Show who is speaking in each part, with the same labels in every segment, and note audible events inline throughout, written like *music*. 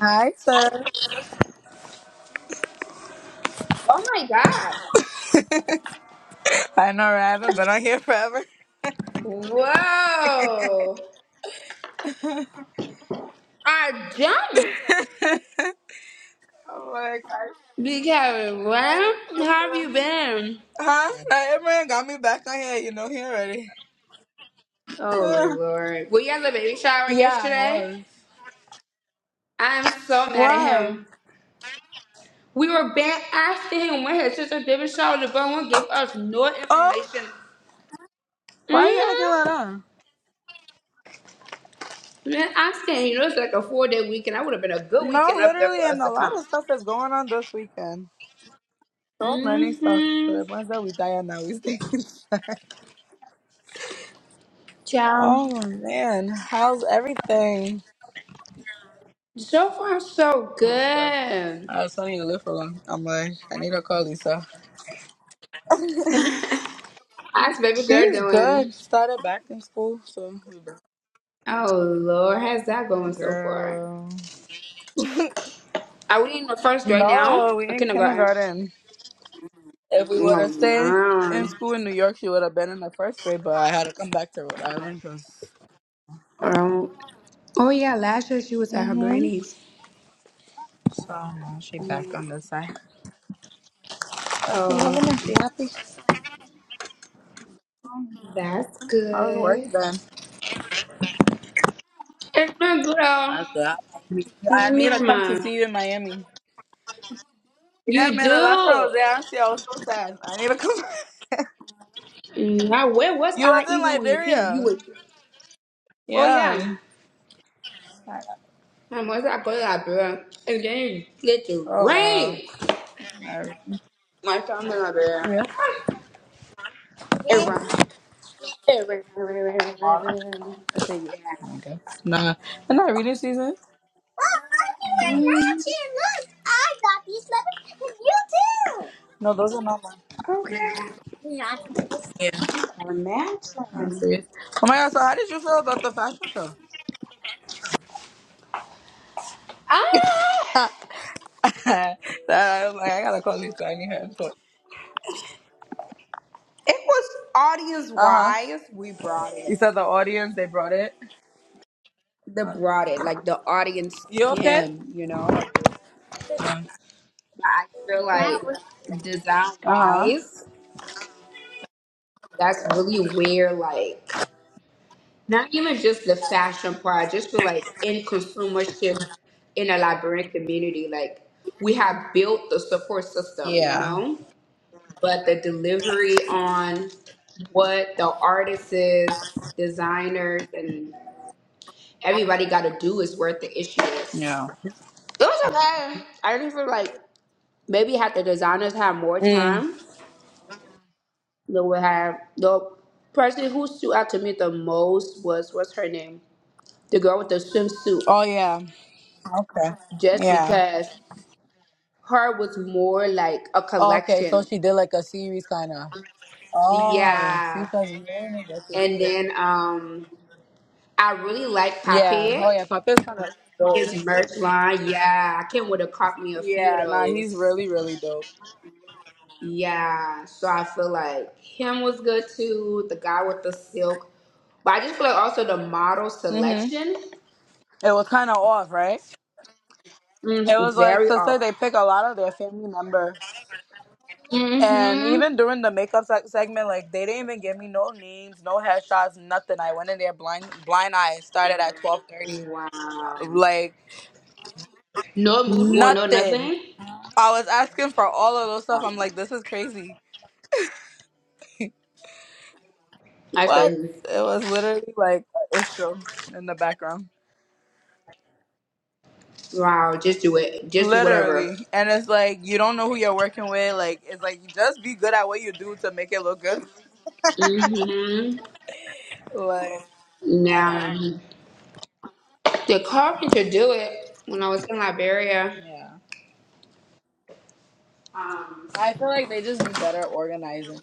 Speaker 1: Hi, sis.
Speaker 2: Oh my god.
Speaker 1: I know right? I haven't been on here forever.
Speaker 2: Whoa. I jumped
Speaker 1: *laughs* I'm like, I
Speaker 2: because
Speaker 1: fell
Speaker 2: where
Speaker 1: in
Speaker 2: have
Speaker 1: love
Speaker 2: you been?
Speaker 1: huh? Now Imran got me back on here. You know he already. *laughs*
Speaker 2: Oh
Speaker 1: Ugh.
Speaker 2: lord. Were you at the baby shower
Speaker 1: yeah, I
Speaker 2: yesterday?
Speaker 1: was.
Speaker 2: I am so mad at
Speaker 1: Why?
Speaker 2: him. We were back after him when his sister did baby shower the boy won't give us no
Speaker 1: Oh,
Speaker 2: information.
Speaker 1: why are
Speaker 2: Mm-hmm.
Speaker 1: you acting like that?
Speaker 2: Man, I'm saying, you know, it's like a four day weekend. That would have been a good
Speaker 1: No,
Speaker 2: weekend up there for
Speaker 1: literally, and
Speaker 2: us
Speaker 1: a
Speaker 2: to
Speaker 1: lot
Speaker 2: come.
Speaker 1: of stuff is going on this weekend. So many stuff. So the
Speaker 2: Mm-hmm.
Speaker 1: ones that we die on now, we stay *laughs* inside.
Speaker 2: Ciao.
Speaker 1: Oh man, how's everything?
Speaker 2: So far, so
Speaker 1: But
Speaker 2: good.
Speaker 1: I was telling you, to live for long. I'm like, I need to call Lisa.
Speaker 2: *laughs* How's baby girl
Speaker 1: She's
Speaker 2: doing?
Speaker 1: good. Started back in school, so we back.
Speaker 2: Oh Lord, how's that going so far?
Speaker 1: Girl.
Speaker 2: Are we in the first grade now?
Speaker 1: No, we
Speaker 2: Or
Speaker 1: in
Speaker 2: kindergarten?
Speaker 1: kindergarten. If we would
Speaker 2: Oh
Speaker 1: have stayed in
Speaker 2: my.
Speaker 1: school in New York, she would have been in the first grade. But I had to come back to Rhode Island because yeah.
Speaker 2: Um, oh yeah, last year she was at her
Speaker 1: hmm
Speaker 2: granny's.
Speaker 1: So now she
Speaker 2: Oh
Speaker 1: back
Speaker 2: yeah.
Speaker 1: on this side. But she
Speaker 2: Oh,
Speaker 1: loving it. She happy.
Speaker 2: that's
Speaker 1: How's work
Speaker 2: good.
Speaker 1: then?
Speaker 2: It's my
Speaker 1: How's
Speaker 2: girl.
Speaker 1: that?
Speaker 2: It's
Speaker 1: I
Speaker 2: me
Speaker 1: need to
Speaker 2: and
Speaker 1: come to
Speaker 2: mine.
Speaker 1: see you in Miami. Yeah,
Speaker 2: You
Speaker 1: man. The last time I
Speaker 2: do.
Speaker 1: was there, honestly, I was so sad. I need to come. *laughs*
Speaker 2: Now where was
Speaker 1: you was
Speaker 2: I
Speaker 1: in
Speaker 2: even when you came? You
Speaker 1: Liberia.
Speaker 2: were. Oh
Speaker 1: Yeah.
Speaker 2: yeah. I was at go to Liberia, and then it get the
Speaker 1: Oh wow.
Speaker 2: rain.
Speaker 1: Not
Speaker 2: My family in Liberia.
Speaker 1: yeah.
Speaker 2: It rained. I
Speaker 1: Tomorrow,
Speaker 2: say yeah.
Speaker 1: I guess. Nah, they're not reading season. Well,
Speaker 2: Mhm.
Speaker 1: Look, I got these letters, and you too. No, those are not mine.
Speaker 2: Okay.
Speaker 1: Yeah. Yeah. I
Speaker 2: Imagine.
Speaker 1: see it. Oh my god, so how did you feel about the fashion show? *laughs*
Speaker 2: Ah,
Speaker 1: that, I was like, I gotta call Lisa. I need her input.
Speaker 2: it was audience
Speaker 1: Uh huh.
Speaker 2: wise. We brought
Speaker 1: You
Speaker 2: it.
Speaker 1: said the audience, they brought it.
Speaker 2: They brought it like the audience
Speaker 1: You okay?
Speaker 2: came, you know. Or But
Speaker 1: Uh
Speaker 2: I feel like design
Speaker 1: huh.
Speaker 2: wise, that's really where like not even just the fashion part. I just feel like in consumership in a librarian community, like we have built the support system, you
Speaker 1: Yeah.
Speaker 2: know. but the delivery on what the artists, designers, and everybody got to do is where the issue is.
Speaker 1: Yeah.
Speaker 2: It was okay. I didn't feel like maybe had the designers have more
Speaker 1: Mm.
Speaker 2: time, they would have the person who stood out to me the most was what's her name, the girl with the swimsuit,
Speaker 1: Oh, yeah. Okay.
Speaker 2: just
Speaker 1: Yeah.
Speaker 2: because her was more like a
Speaker 1: Oh, okay, so
Speaker 2: collection.
Speaker 1: she did like a series kind of. Oh, see,
Speaker 2: Yeah,
Speaker 1: because we didn't get to
Speaker 2: and
Speaker 1: see it.
Speaker 2: then um, I really like
Speaker 1: Yeah. Oh,
Speaker 2: Pape.
Speaker 1: yeah. Papa's kind of dope.
Speaker 2: His merch line, yeah. I Kim would have caught me a few of
Speaker 1: Yeah. Nah, he's
Speaker 2: those.
Speaker 1: really, really dope.
Speaker 2: Yeah. So I feel like him was good too. The guy with the silk. But I just feel like also the model
Speaker 1: Mhm.
Speaker 2: selection,
Speaker 1: It was kind of off, right? It
Speaker 2: mm,
Speaker 1: was like
Speaker 2: very
Speaker 1: to say they
Speaker 2: off.
Speaker 1: pick a lot of their family members, and
Speaker 2: Mm-hmm.
Speaker 1: even during the makeup se- segment, like they didn't even give me no names, no headshots, nothing. I went in there blind, blind eye, Started at twelve thirty,
Speaker 2: Wow.
Speaker 1: like
Speaker 2: No mood board, no
Speaker 1: nothing.
Speaker 2: nothing.
Speaker 1: I was asking for all of those stuff.
Speaker 2: Wow.
Speaker 1: I'm like, this is crazy.
Speaker 2: That's
Speaker 1: What?
Speaker 2: crazy.
Speaker 1: It was literally like an issue in the background.
Speaker 2: Wow, just do it. Just do whatever.
Speaker 1: Literally. And it's like you don't know who you're working with. Like it's like you just be good at what you do to make it look good.
Speaker 2: Mm-hmm.
Speaker 1: Like Oh
Speaker 2: Now,
Speaker 1: wow.
Speaker 2: the carpenter do it when I was in Liberia.
Speaker 1: Yeah.
Speaker 2: Um,
Speaker 1: I feel like they just be better organizing.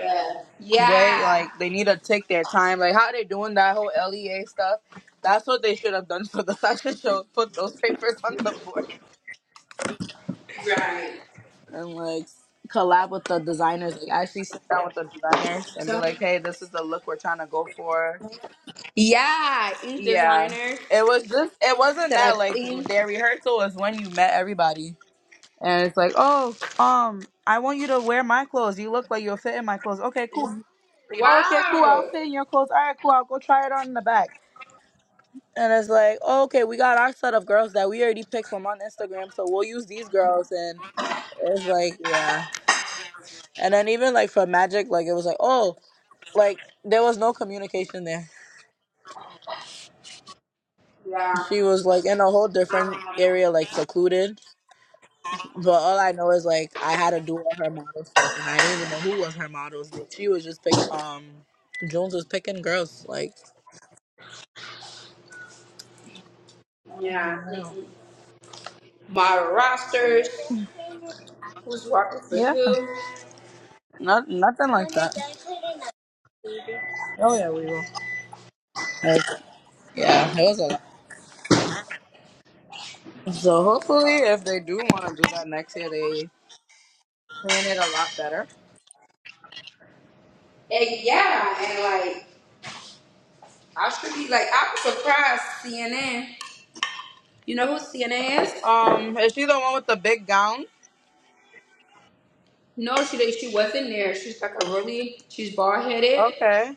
Speaker 2: Yeah.
Speaker 1: Way like they need to take their time. Like how they doing that whole LEA stuff. That's what they should have done for the *laughs* fashion show. Put those papers on the board.
Speaker 2: Yeah. Right.
Speaker 1: And like collab with the designers. Like actually sit down with the designers and be
Speaker 2: So
Speaker 1: like, hey, this is the look we're trying to go for.
Speaker 2: yeah, each
Speaker 1: Yeah.
Speaker 2: designer
Speaker 1: It was just it wasn't
Speaker 2: said a
Speaker 1: that like
Speaker 2: think.
Speaker 1: their rehearsal was when you met everybody. And it's like, oh, um, I want you to wear my clothes. You look like you'll fit in my clothes. Okay, cool. "Oh, okay, cool. I'll
Speaker 2: Wow.
Speaker 1: fit in your clothes. All right, cool. I'll go try it on in the back. And it's like, oh, okay, we got our set of girls that we already picked from on Instagram, so we'll use these girls. And it's like, yeah. And then even like for Magic, like it was like, oh, like there was no communication there.
Speaker 2: Yeah.
Speaker 1: She was like in a whole different
Speaker 2: Um,
Speaker 1: area, like secluded But all I know is like I had to do all her models first, and I didn't even know who was her models. She was just pick. Um, Jones was picking girls. Like,
Speaker 2: yeah. Mm-mm. My
Speaker 1: Yeah,
Speaker 2: rosters, who's working for
Speaker 1: yeah.
Speaker 2: who.
Speaker 1: Not nothing like that. Oh yeah, we will. like, yeah, it was a lot. So hopefully, if they do want to do that next year, they plan it a lot better.
Speaker 2: And yeah, and like, I should be like, I was surprised CNN. You know who CNN is?
Speaker 1: Um, is she the one with the big gown?
Speaker 2: No, she didn't- she wasn't there. She's like a really, she's bald headed,
Speaker 1: Okay.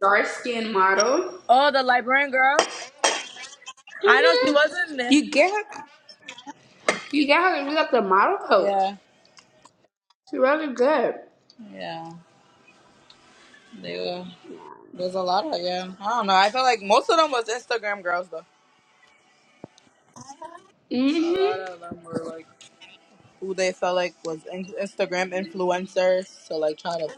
Speaker 2: dark skinned model.
Speaker 1: Oh, the librarian girl. I know she
Speaker 2: hmm
Speaker 1: wasn't there.
Speaker 2: You get her? You got to look up the model coach.
Speaker 1: Yeah,
Speaker 2: It's really good.
Speaker 1: yeah. They were. There's a lot of yeah. I don't know. I feel like most of them was Instagram girls though. A lot
Speaker 2: hmm
Speaker 1: of them were like who they felt like was in- Instagram influencers. So like try to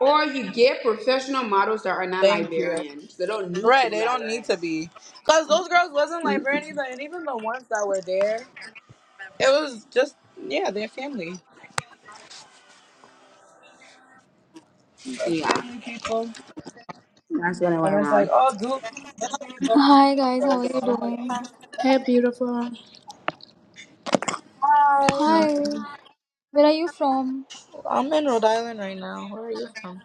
Speaker 2: Or you get professional models that are not
Speaker 1: thank you.
Speaker 2: librarians. They don't need to
Speaker 1: Right,
Speaker 2: be
Speaker 1: they don't need to
Speaker 2: librarians.
Speaker 1: be because those girls wasn't like
Speaker 2: Mm-mm.
Speaker 1: Brandy, but and even the ones that were there, it was just yeah, their family, Their
Speaker 2: Yeah,
Speaker 1: family people,
Speaker 2: that's what I
Speaker 1: and
Speaker 2: went
Speaker 1: it's like
Speaker 2: wrong.
Speaker 1: oh, do
Speaker 3: Hi guys, how are you
Speaker 1: this.
Speaker 3: doing?
Speaker 2: Hey, beautiful.
Speaker 1: Hi,
Speaker 3: Hi, where are you from?
Speaker 1: I'm in Rhode Island right now. Where are you from?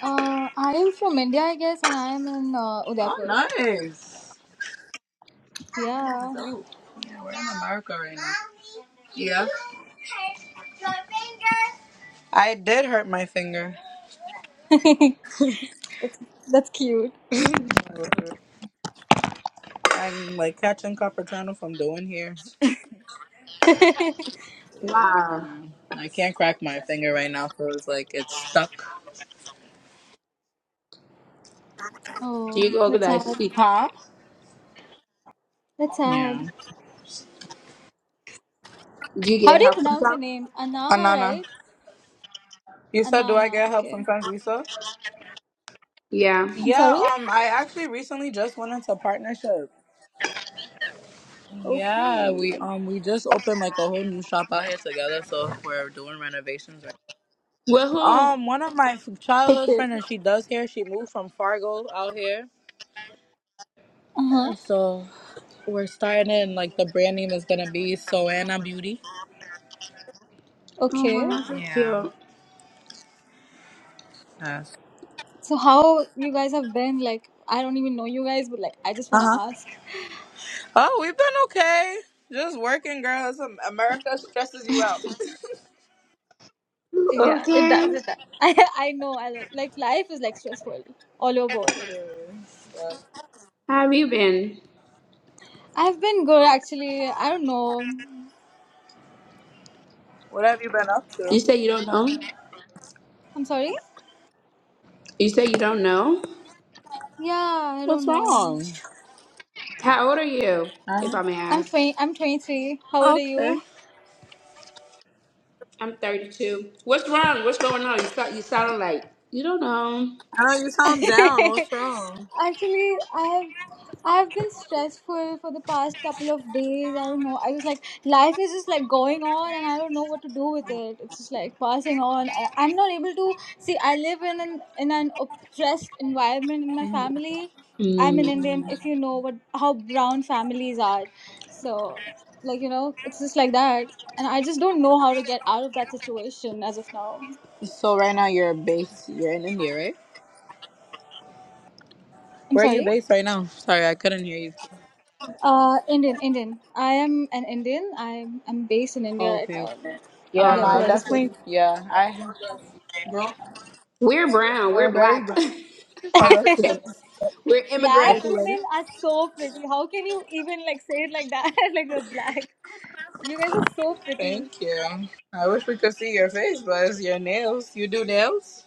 Speaker 3: Uh, I am from India, I guess, and I am in uh,
Speaker 1: Oh,
Speaker 3: Udaipur.
Speaker 1: nice.
Speaker 3: Yeah,
Speaker 1: So, yeah, we're in America right now. Yeah. I did hurt my finger.
Speaker 3: *laughs* that's, that's cute.
Speaker 1: I'm like catching Capertano from doing here.
Speaker 3: *laughs*
Speaker 1: Yeah,
Speaker 2: Wow.
Speaker 1: man. I can't crack my finger right now, so it's like it's stuck.
Speaker 2: Do you
Speaker 3: oh,
Speaker 2: go to
Speaker 3: that's
Speaker 2: that
Speaker 3: sad.
Speaker 2: seat?
Speaker 1: Huh?
Speaker 3: That's
Speaker 1: Yeah.
Speaker 3: sad.
Speaker 2: Do you
Speaker 3: How
Speaker 2: get
Speaker 3: do you
Speaker 2: help
Speaker 3: pronounce your
Speaker 2: sometimes?
Speaker 3: name? Anaha,
Speaker 1: Anana,
Speaker 3: right?
Speaker 1: you said do I
Speaker 3: Anana.
Speaker 1: get help
Speaker 3: Okay.
Speaker 1: from Transvisa?
Speaker 2: Yeah.
Speaker 3: I'm
Speaker 1: Yeah,
Speaker 3: sorry.
Speaker 1: um, I actually recently just went into partnership. Yeah,
Speaker 3: Okay.
Speaker 1: we um we just opened like a whole new shop out here together, so we're doing renovations right
Speaker 2: Well, who?
Speaker 1: Um, one of my f- childhood
Speaker 3: Okay.
Speaker 1: friends, and she does hair. She moved from Fargo out here,
Speaker 3: Uh huh.
Speaker 1: and so we're starting in like the brand name is gonna be Soana Beauty.
Speaker 2: Oh, well,
Speaker 3: Okay.
Speaker 2: that's so
Speaker 1: Yeah.
Speaker 2: cute.
Speaker 1: Yes.
Speaker 3: So how you guys have been? Like, I don't even know you guys, but like, I just
Speaker 1: Uh
Speaker 3: wanna
Speaker 1: huh.
Speaker 3: ask.
Speaker 1: Oh, we've been okay. Just working, girls. America stresses you out.
Speaker 3: Yeah, it
Speaker 2: Okay.
Speaker 3: does. It does. *laughs* I I know. I like like life is like stressful all over.
Speaker 1: Literally. But
Speaker 2: How have you been?
Speaker 3: I've been good actually. I don't know.
Speaker 1: what have you been up
Speaker 2: You
Speaker 1: to?
Speaker 2: say you don't know?
Speaker 3: I'm sorry.
Speaker 2: You say you don't know?
Speaker 3: Yeah, I
Speaker 1: What's
Speaker 3: don't know.
Speaker 1: wrong?
Speaker 2: How old are you, if
Speaker 1: i
Speaker 2: I may
Speaker 3: I'm
Speaker 2: ask?
Speaker 3: twenty. I'm twenty three. How old are
Speaker 1: okay.
Speaker 3: you?
Speaker 2: I'm 32. What's wrong? What's going on? You sound, you sound like you don't know.
Speaker 1: I know you
Speaker 3: *laughs*
Speaker 1: sound down.
Speaker 3: Actually,
Speaker 1: What's wrong?
Speaker 3: I have I have been stressful for the past couple of days. I don't know. I was like, life is just like going on, and I don't know what to do with it. It's just like passing on. I- I'm not able to see. I live in an in an oppressed environment in my
Speaker 1: Mhm.
Speaker 3: family. I'm an
Speaker 2: Mm,
Speaker 3: Indian, Mm. if you know what how brown families are. So, like you know, it's just like that, and I just don't know how to get out of that situation as of now.
Speaker 1: So right now you're based. You're in India, right?
Speaker 3: I'm
Speaker 1: Where are you
Speaker 3: sorry.
Speaker 1: based right now? Sorry, I couldn't hear you.
Speaker 3: Uh, Indian, Indian. I am an Indian. I'm I'm based in India right
Speaker 1: Okay,
Speaker 3: now.
Speaker 1: okay. Yeah, no, I
Speaker 3: Udaipur, I
Speaker 2: uh,
Speaker 3: just told
Speaker 1: definitely, yeah, I have grown.
Speaker 2: we're brown.
Speaker 1: We're
Speaker 2: We're
Speaker 1: very
Speaker 2: black.
Speaker 1: brown.
Speaker 2: *laughs*
Speaker 1: Progress.
Speaker 3: you. *laughs*
Speaker 2: Africans. We're
Speaker 1: The
Speaker 3: black
Speaker 2: immigrants,
Speaker 1: food ready?
Speaker 3: women are so pretty. How can you even like say it like that? *laughs* like we're black. You guys are so pretty.
Speaker 1: Thank you. I wish we could see your face, but it's your nails. You do nails?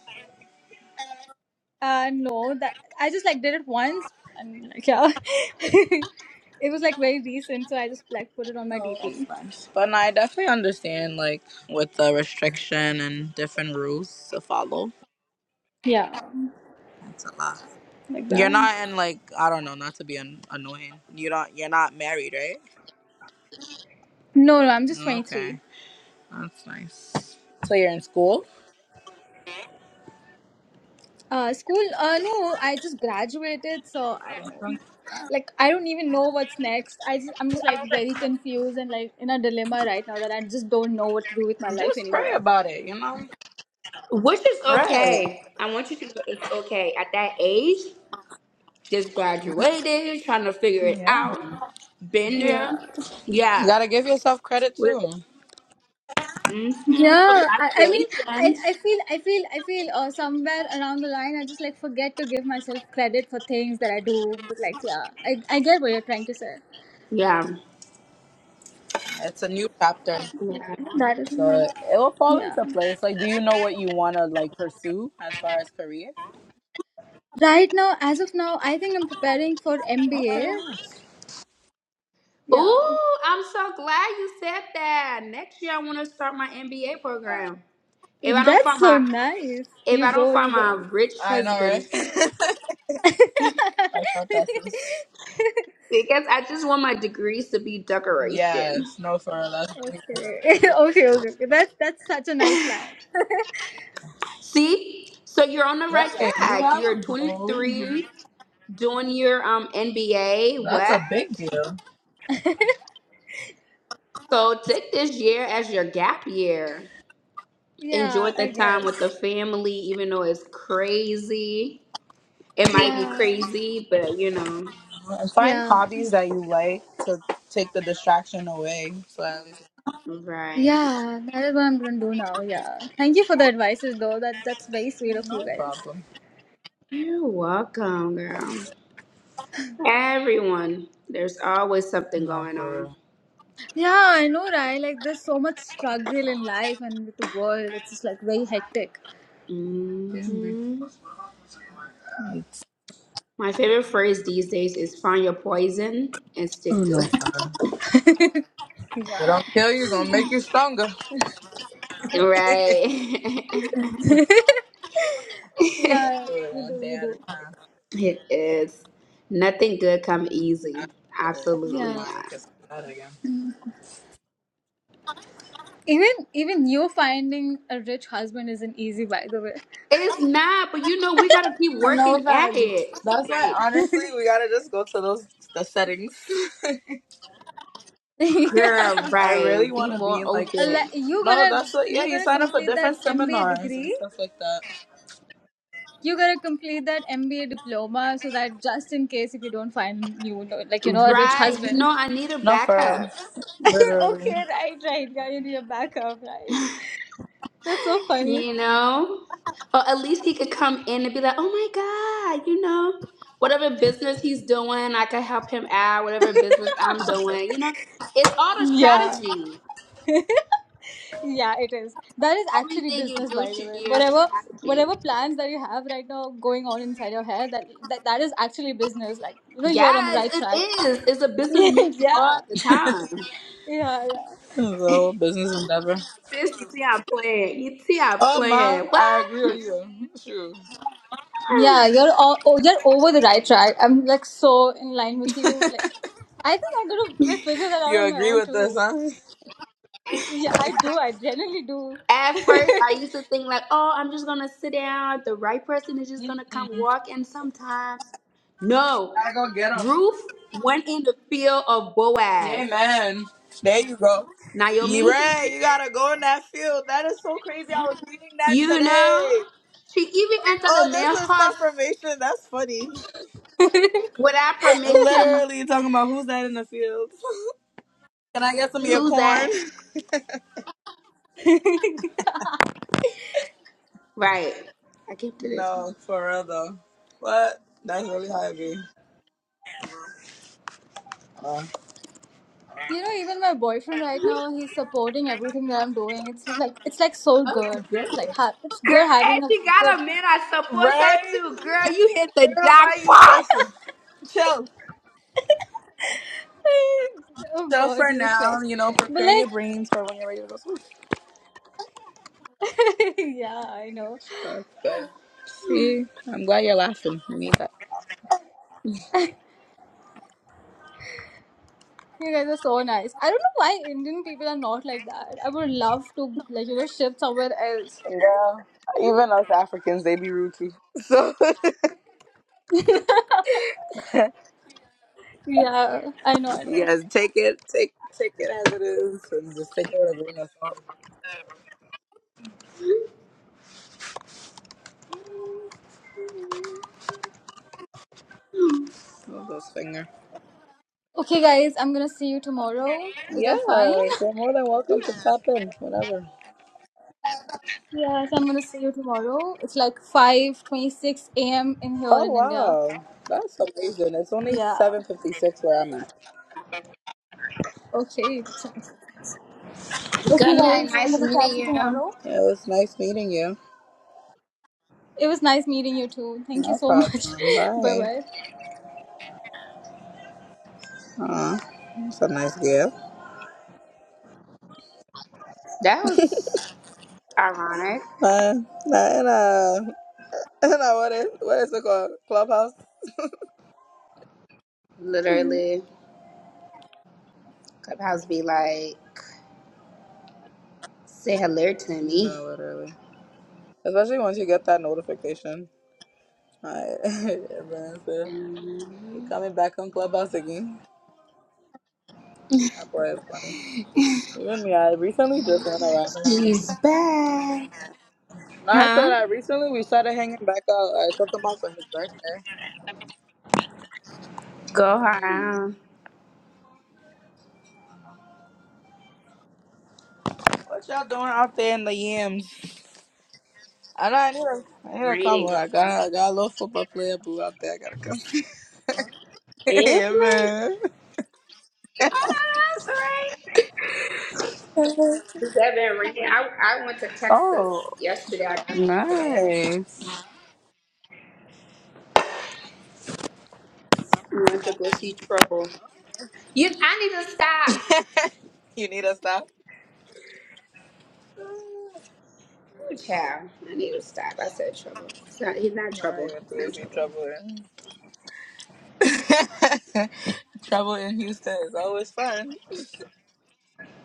Speaker 3: Uh, no, that I just like did it once and like yeah, *laughs* it was like very recent, so I just like put it on my
Speaker 1: No, that's
Speaker 3: DP.
Speaker 1: nice. But no, I definitely understand, like, with the restriction and different rules to follow.
Speaker 3: Yeah,
Speaker 1: That's a lot.
Speaker 3: like
Speaker 1: You're
Speaker 3: that.
Speaker 1: not in, like, I don't know, not to be an- annoying. you do not, you're not married, right?
Speaker 3: No, no, I'm just 23.
Speaker 1: Okay, that's nice. So you're in school?
Speaker 3: Uh, school? Uh, no, I just graduated, so I don't know. Like, I don't even know what's next. I just, I'm just like very confused and like in a dilemma right now that I just don't know what to do with my life
Speaker 1: Just pray
Speaker 3: anymore.
Speaker 1: about it, you know?
Speaker 2: which is
Speaker 1: Right.
Speaker 2: okay. I want you to know it's okay. At that age, just graduated, trying to figure it
Speaker 1: Yeah.
Speaker 2: out. Been there.
Speaker 3: Yeah.
Speaker 1: You
Speaker 2: Yeah.
Speaker 1: gotta give yourself credit
Speaker 2: What is it?
Speaker 1: too.
Speaker 2: Mm-hmm.
Speaker 3: Yeah. I, I mean, I,
Speaker 2: Congratulations.
Speaker 3: I feel, I feel, I feel uh, somewhere around the line, I just like forget to give myself credit for things that I do. But like, yeah, I, I get what you're trying to say.
Speaker 2: Yeah.
Speaker 1: It's a new chapter.
Speaker 2: Yeah.
Speaker 3: That is,
Speaker 1: So it will fall
Speaker 3: yeah.
Speaker 1: into place. Like, do you know what you wanna like pursue as far as career?
Speaker 3: Right now, as of now, I think I'm preparing for MBA.
Speaker 1: Okay, nice.
Speaker 3: Yeah.
Speaker 2: Ooh, I'm so glad you said that. Next year, I want to start my MBA
Speaker 1: Look at that.
Speaker 2: program. If I don't
Speaker 3: That's
Speaker 2: find
Speaker 3: so
Speaker 2: my
Speaker 3: nice.
Speaker 2: if
Speaker 3: You
Speaker 2: I don't
Speaker 3: go, you
Speaker 2: find my
Speaker 3: go.
Speaker 2: rich
Speaker 1: I know,
Speaker 2: husband,
Speaker 1: right? *laughs*
Speaker 3: *laughs* okay.
Speaker 1: I felt that since.
Speaker 3: *laughs*
Speaker 2: because I just want my degrees to be decoration.
Speaker 1: Yes, no, for real, that's really good.
Speaker 3: okay, okay, okay. That's that's such a nice plan.
Speaker 2: See, so you're on the right
Speaker 1: Right, you
Speaker 2: track.
Speaker 1: have
Speaker 2: You're
Speaker 1: a goal. here.
Speaker 2: 23, doing your um NBA.
Speaker 1: That's
Speaker 2: What?
Speaker 1: a big deal.
Speaker 2: So take this year as your gap year.
Speaker 3: Yeah,
Speaker 2: Enjoy the
Speaker 3: I
Speaker 2: time with the
Speaker 3: guess.
Speaker 2: family, even though it's crazy. It might be
Speaker 3: Yeah,
Speaker 2: crazy, but you know,
Speaker 1: And find
Speaker 3: yeah,
Speaker 1: hobbies that you like to take the distraction away. So at least
Speaker 2: right?
Speaker 3: yeah. That is what I'm gonna do now. Yeah. Thank you for the advices, though. That that's very sweet of you
Speaker 1: no
Speaker 3: guys.
Speaker 1: problem.
Speaker 2: You're welcome, girl. Everyone, there's always something
Speaker 1: No,
Speaker 2: going on.
Speaker 1: for
Speaker 3: Yeah, I know, right? Like, there's so much struggle in life and with the world. It's just like very hectic.
Speaker 1: real. Can
Speaker 2: hmm
Speaker 1: be.
Speaker 2: My favorite phrase these days is find your poison and
Speaker 1: Oh
Speaker 2: stick to
Speaker 1: no,
Speaker 2: it.
Speaker 1: God. But
Speaker 3: Yeah.
Speaker 1: I'll tell you, gonna make you stronger.
Speaker 2: *laughs* right.
Speaker 3: *laughs*
Speaker 1: Get
Speaker 2: *laughs*
Speaker 3: yeah,
Speaker 1: through it
Speaker 3: you do,
Speaker 1: one day
Speaker 3: you
Speaker 1: at a
Speaker 3: do.
Speaker 1: time.
Speaker 2: it is. Nothing good come easy.
Speaker 1: Absolutely. No
Speaker 2: Absolutely
Speaker 3: Yeah.
Speaker 1: mind,
Speaker 2: not.
Speaker 1: cause that again.
Speaker 3: Even even you finding a rich husband isn't easy, by the way.
Speaker 2: It's not, but you know, we gotta keep
Speaker 1: No
Speaker 2: working at
Speaker 1: bad.
Speaker 2: it.
Speaker 1: That's why
Speaker 2: Like,
Speaker 1: honestly we gotta just go to those the settings.
Speaker 3: *laughs*
Speaker 2: girl,
Speaker 3: yeah.
Speaker 1: *laughs* I really
Speaker 2: right. Be
Speaker 1: wanna be
Speaker 2: more
Speaker 1: in like
Speaker 3: Like,
Speaker 2: open.
Speaker 3: You
Speaker 1: no,
Speaker 3: gotta
Speaker 1: that's what yeah,
Speaker 3: you
Speaker 1: you
Speaker 3: gotta
Speaker 1: sign up for
Speaker 3: complete that
Speaker 1: different
Speaker 3: MBA
Speaker 1: seminars and
Speaker 3: degree.
Speaker 1: stuff like that.
Speaker 3: You gotta complete that MBA diploma so that just in case if you don't find you know, like you know a rich
Speaker 2: Right. You
Speaker 3: husband.
Speaker 2: know, I need a
Speaker 1: No for
Speaker 2: backup.
Speaker 1: us.
Speaker 3: *laughs*
Speaker 1: Literally.
Speaker 3: okay, right, right, guy, you need a backup, right? That's so funny.
Speaker 2: You know? Or at least he could come in and be like, oh my God, you know, whatever business he's doing, I can help him out, whatever business I'm
Speaker 1: No for
Speaker 2: doing, you know? It's all the
Speaker 3: Yeah.
Speaker 2: strategy.
Speaker 3: Yeah, it is. That is actually
Speaker 2: Everything you
Speaker 3: business,
Speaker 2: do
Speaker 3: by the
Speaker 2: should
Speaker 3: way.
Speaker 2: be a
Speaker 3: Whatever,
Speaker 2: strategy.
Speaker 3: whatever plans that you have right now going on inside your head, that that, that is actually business. Like you know, you are on the
Speaker 2: Yes,
Speaker 3: right
Speaker 2: it
Speaker 3: track.
Speaker 2: is. It's a
Speaker 3: *laughs*
Speaker 2: business
Speaker 3: yeah,
Speaker 2: meeting all
Speaker 3: yeah,
Speaker 2: the time.
Speaker 3: yeah.
Speaker 1: the whole business endeavor.
Speaker 2: Sis, you see I'm playing. You see I'm
Speaker 1: Oh man,
Speaker 2: playing.
Speaker 1: I agree with
Speaker 2: What?
Speaker 1: you. Shoot.
Speaker 2: *laughs*
Speaker 3: Yeah, you're o- oh, you're over the right track. I'm like so in line with you. Like, I think I'm gonna like, figure that out
Speaker 1: You
Speaker 3: on my
Speaker 1: agree
Speaker 3: own
Speaker 1: with this,
Speaker 3: too.
Speaker 1: huh?
Speaker 3: Yeah, I do. I genuinely
Speaker 2: At first, I used to think like, oh, I'm just gonna sit down. The right person is just gonna come walk in sometimes. No,
Speaker 1: I go get 'em.
Speaker 2: Ruth went in the field of Boaz.
Speaker 1: Amen. There you go. You
Speaker 2: Naomi,
Speaker 1: right. You gotta go in that field. That is so crazy. I was reading that
Speaker 2: you
Speaker 1: today.
Speaker 2: know, she even entered
Speaker 1: Oh,
Speaker 2: the male
Speaker 1: this is
Speaker 2: house
Speaker 1: confirmation. That's funny.
Speaker 2: without
Speaker 1: And
Speaker 2: permission.
Speaker 1: Literally talking about who's that in the field. *laughs* Can I get some of your
Speaker 2: Who's
Speaker 1: corn?
Speaker 2: that?
Speaker 1: *laughs*
Speaker 3: do. *laughs*
Speaker 2: Right. I came to this one.
Speaker 1: No, for real though. What? That's really heavy. Uh,
Speaker 3: You know, even my boyfriend right now, he's supporting everything that I'm doing. It's just like it's like so good.
Speaker 1: That's good.
Speaker 3: It's like ha- it's
Speaker 2: Girl,
Speaker 3: good
Speaker 2: and
Speaker 3: having a
Speaker 2: she
Speaker 3: good.
Speaker 2: got a man I supports her
Speaker 1: Right?
Speaker 2: too. Girl, you hit the
Speaker 1: Girl, why you
Speaker 2: jackpot.
Speaker 1: stressing? Chill.
Speaker 3: *laughs* oh
Speaker 1: Chill
Speaker 3: God,
Speaker 1: for
Speaker 3: Jesus
Speaker 1: now.
Speaker 3: Christ!
Speaker 1: You know,
Speaker 3: But
Speaker 1: prepare your
Speaker 3: like,
Speaker 1: brains for when you're ready to go to school.
Speaker 3: *laughs* yeah, I know.
Speaker 1: That's good. See, I'm glad you're laughing. You need that.
Speaker 3: You guys are so nice. I don't know why Indian people are not like that. I would love to like you know shift somewhere else.
Speaker 1: Girl, even us Africans, they be rude too. So *laughs*
Speaker 3: Yeah, I know, I
Speaker 1: you
Speaker 3: know.
Speaker 1: guys take it, take take it as it is, and just take it with a grain of salt. Move those finger.
Speaker 3: Okay, guys, I'm gonna see you tomorrow. Is
Speaker 1: Yeah,
Speaker 3: that fine? *laughs*
Speaker 1: you're more than welcome to tap in whenever.
Speaker 3: Yes, I'm gonna see you tomorrow. It's like 5:26 a.m. in here
Speaker 1: Oh
Speaker 3: in India.
Speaker 1: wow, that's amazing. It's only
Speaker 3: Yeah.
Speaker 1: seven fifty six where I'm at.
Speaker 3: Okay. that sounds nice. Okay,
Speaker 2: Good night.
Speaker 3: guys, I'm
Speaker 2: Nice
Speaker 3: gonna
Speaker 2: meeting
Speaker 3: catch you
Speaker 2: you.
Speaker 3: tomorrow.
Speaker 1: Yeah, it was nice meeting you.
Speaker 3: It was nice meeting you too. Thank you
Speaker 1: No
Speaker 3: so much.
Speaker 1: problem.
Speaker 3: *laughs* bye
Speaker 1: Bye.
Speaker 3: bye.
Speaker 1: Aw, that's a nice gift.
Speaker 2: That was ironic.
Speaker 1: Uh, and uh, *laughs* and uh, what is what is it called? Clubhouse?
Speaker 2: Literally, Clubhouse be like, say hello to me.
Speaker 1: No, literally. Especially once you get that notification. Hi, *laughs* everyone said, you
Speaker 2: Mhm.
Speaker 1: coming back on Clubhouse again? That boy is funny. Even me, I recently just went around.
Speaker 2: She's back.
Speaker 1: No, I said
Speaker 2: Huh?
Speaker 1: I recently we started hanging back out. I took him out for his birthday.
Speaker 2: Go
Speaker 1: Yeah,
Speaker 2: around.
Speaker 1: I don't know. What y'all doing out there in the yams? I know I need a, I need a
Speaker 2: Raining,
Speaker 1: combo. I
Speaker 2: girl.
Speaker 1: got I got a little football player boo out there. I gotta come. *laughs*
Speaker 2: If
Speaker 1: yeah,
Speaker 2: me?
Speaker 1: man.
Speaker 2: Oh, that's right. It's that been raining. I, I went to Texas
Speaker 1: Oh,
Speaker 2: yesterday. I got back today.
Speaker 1: nice.
Speaker 2: Went to go see Trouble. You, I need to
Speaker 1: *laughs*
Speaker 2: stop.
Speaker 1: you need a stop?
Speaker 2: Ooh, Child, I need to stop. I said Trouble. It's not, he's not
Speaker 1: I
Speaker 2: Trouble.
Speaker 1: got into
Speaker 2: He's
Speaker 1: see
Speaker 2: not
Speaker 1: trouble. *laughs* Travel in Houston is always fun.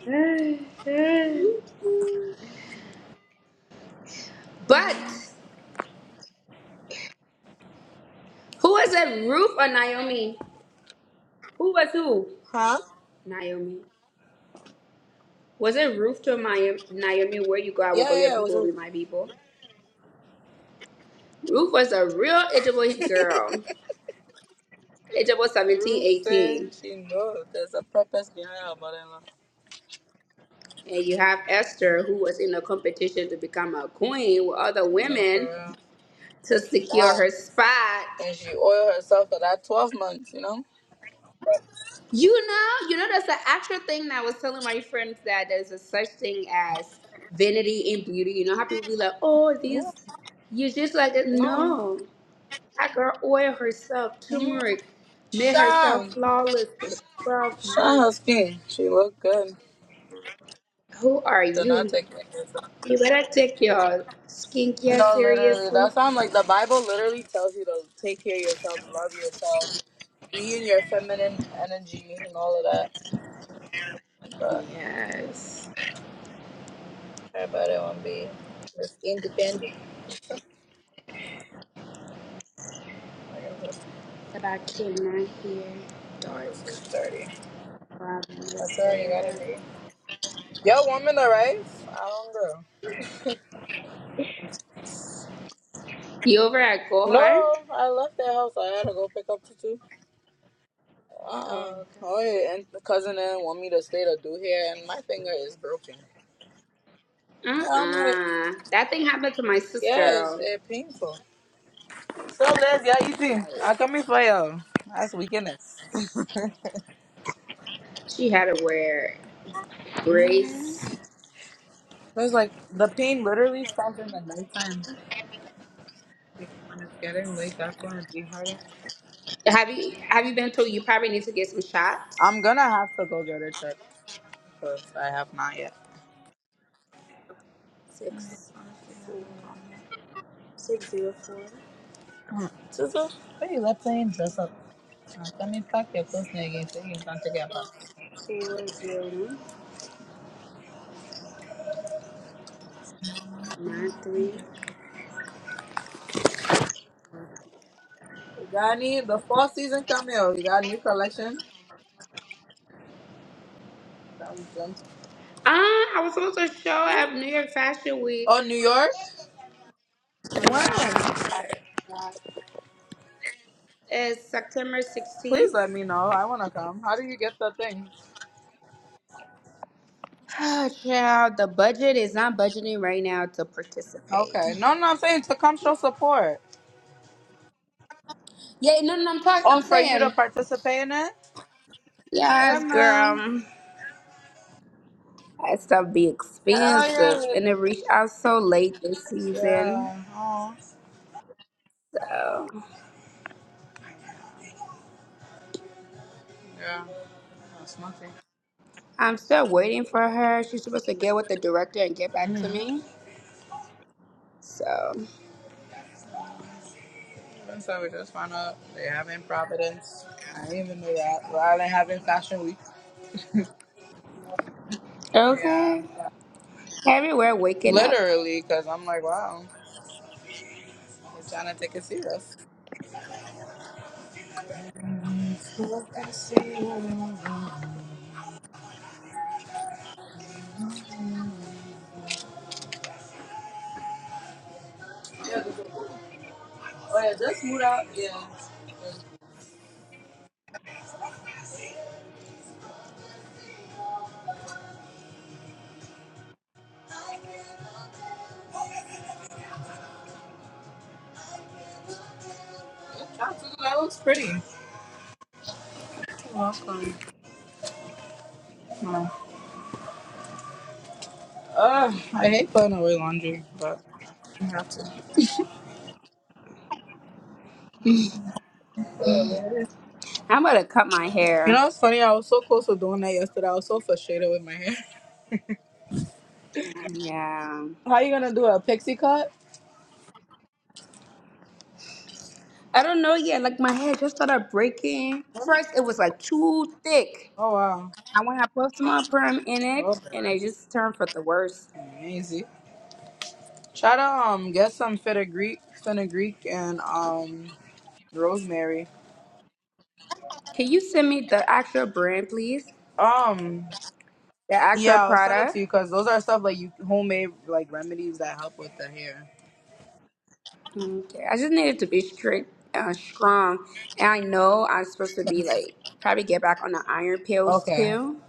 Speaker 2: Trouble. *sighs* But Who was it, Ruth or Naomi? Who was who?
Speaker 1: Huh?
Speaker 2: Naomi. Was it Ruth to Mi- Naomi? Where you go, I will
Speaker 1: Yeah,
Speaker 2: go.
Speaker 1: yeah,
Speaker 2: Your
Speaker 1: yeah. It was
Speaker 2: people will be
Speaker 1: Ruth.
Speaker 2: my people. Ruth was a real Ijabo girl, Ijabo 17,
Speaker 1: Ruth
Speaker 2: 18.
Speaker 1: said she knows there's a purpose behind her mother-in-law.
Speaker 2: And you have Esther, who was in a competition to become a queen with other
Speaker 1: No, for
Speaker 2: women
Speaker 1: real.
Speaker 2: to secure
Speaker 1: Wow.
Speaker 2: her spot.
Speaker 1: And she oiled herself for that 12 months, you know?
Speaker 2: You know, you know, that's the actual thing that I was telling my friends that there's a such thing as vanity and beauty. You know how people be like, oh,
Speaker 1: Yeah.
Speaker 2: these, you're just like,
Speaker 1: No.
Speaker 2: no. Tiger Oil herself,
Speaker 1: Mm.
Speaker 2: turmeric, made herself
Speaker 1: Shine.
Speaker 2: flawless for 12
Speaker 1: Shine her
Speaker 2: months.
Speaker 1: skin. She looked good.
Speaker 2: Who are
Speaker 1: So not
Speaker 2: you?
Speaker 1: take care of yourself.
Speaker 2: You better take your skincare
Speaker 1: No, literally.
Speaker 2: seriously.
Speaker 1: That sounds like the Bible literally tells you to take care of yourself, love yourself, be in your feminine energy and all of that.
Speaker 2: Yes.
Speaker 1: How about it want to be just independent? Like I said,
Speaker 2: But I cannot hear.
Speaker 1: oh,
Speaker 2: Dark.
Speaker 1: this is dirty.
Speaker 2: Robin
Speaker 1: That's
Speaker 2: is
Speaker 1: all you
Speaker 2: there.
Speaker 1: gotta be. Yo, woman, the rice? I don't go.
Speaker 2: You over at Gohar?
Speaker 1: No, I left that house. I had to go pick up Tutu. Uh-uh.
Speaker 2: Oh,
Speaker 1: Oh,
Speaker 2: okay.
Speaker 1: yeah, and the cousin then want me to stay to do hair, and my finger is broken. And I'm like,
Speaker 2: Uh-uh. That thing happened to my
Speaker 1: yeah, it's
Speaker 2: sister.
Speaker 1: it painful. So, Les, yeah, easy.
Speaker 2: Like,
Speaker 1: I come here for you. That's weakness.
Speaker 2: she had to wear
Speaker 1: Mm-hmm.
Speaker 2: brace.
Speaker 1: It's like the pain literally stops in the nighttime. Like when it's getting late, that's when it dehydrates.
Speaker 2: Have you have you been told you probably need to get some shots?
Speaker 1: I'm gonna have to go get it checked because I have not yet.
Speaker 2: six four six zero four
Speaker 1: Hmm. Tutu, why you let playing dress up. Uh, Come in pack your clothes now again so you can take it back.
Speaker 2: four zero one nine three.
Speaker 1: You got any? The fall season coming out. You got new collection? Some jumps.
Speaker 2: Ah, I was supposed to show at New York Fashion
Speaker 1: Oh,
Speaker 2: Week.
Speaker 1: New York? When?
Speaker 2: Yeah, but uh, it's September
Speaker 1: Please let
Speaker 2: sixteenth. *sighs*
Speaker 1: me know. I wanna come. How do you get the thing?
Speaker 2: Oh, child, the budget is not budgeting right now to participate.
Speaker 1: Okay. No, no, I'm saying to come show support.
Speaker 2: Yeah, no, no, no, I'm talking.
Speaker 1: Oh,
Speaker 2: I'm
Speaker 1: for you to
Speaker 2: saying,
Speaker 1: participate in it? Yeah,
Speaker 2: yes,
Speaker 1: man.
Speaker 2: girl. That stuff be
Speaker 1: Hell yeah.
Speaker 2: expensive, and it reached out so late this season.
Speaker 1: Yeah. Oh,
Speaker 2: So.
Speaker 1: yeah. That's nothing.
Speaker 2: I'm still waiting for her. She's supposed to get with the director and get back
Speaker 1: Mm-hmm.
Speaker 2: to me. So,
Speaker 1: And so we just found out they have in Providence. I didn't even know that. Rhode Island having Fashion Week. Yeah,
Speaker 2: okay.
Speaker 1: but
Speaker 2: Everywhere waking up.
Speaker 1: literally, because I'm like, wow, they're trying to take it serious. Yeah, oh yeah, just moved out. Yeah, that looks pretty. Welcome. No. Uh, I hate putting away laundry, but I have to.
Speaker 2: I'm going to cut my
Speaker 1: You
Speaker 2: hair.
Speaker 1: know, it's funny. I was so close to doing that yesterday. I was so frustrated with my hair. *laughs*
Speaker 2: Yeah.
Speaker 1: How are you gonna do a pixie cut?
Speaker 2: I don't know yet. Like, my hair just started breaking. First, it was like too thick.
Speaker 1: Oh wow.
Speaker 2: I went and put some more perm in it, and
Speaker 1: Okay.
Speaker 2: it just turned for the worse.
Speaker 1: Easy. Try to um get some fenugreek, fenugreek and um rosemary.
Speaker 2: Can you send me the actual brand, please?
Speaker 1: Um
Speaker 2: The actual
Speaker 1: yeah, I'll send it to
Speaker 2: product?
Speaker 1: you because those are stuff like you homemade like remedies that help with the hair.
Speaker 2: Okay. I just needed to be strict, uh, strong. And I know I'm supposed to be like probably get back on the iron pills
Speaker 1: Okay.
Speaker 2: too.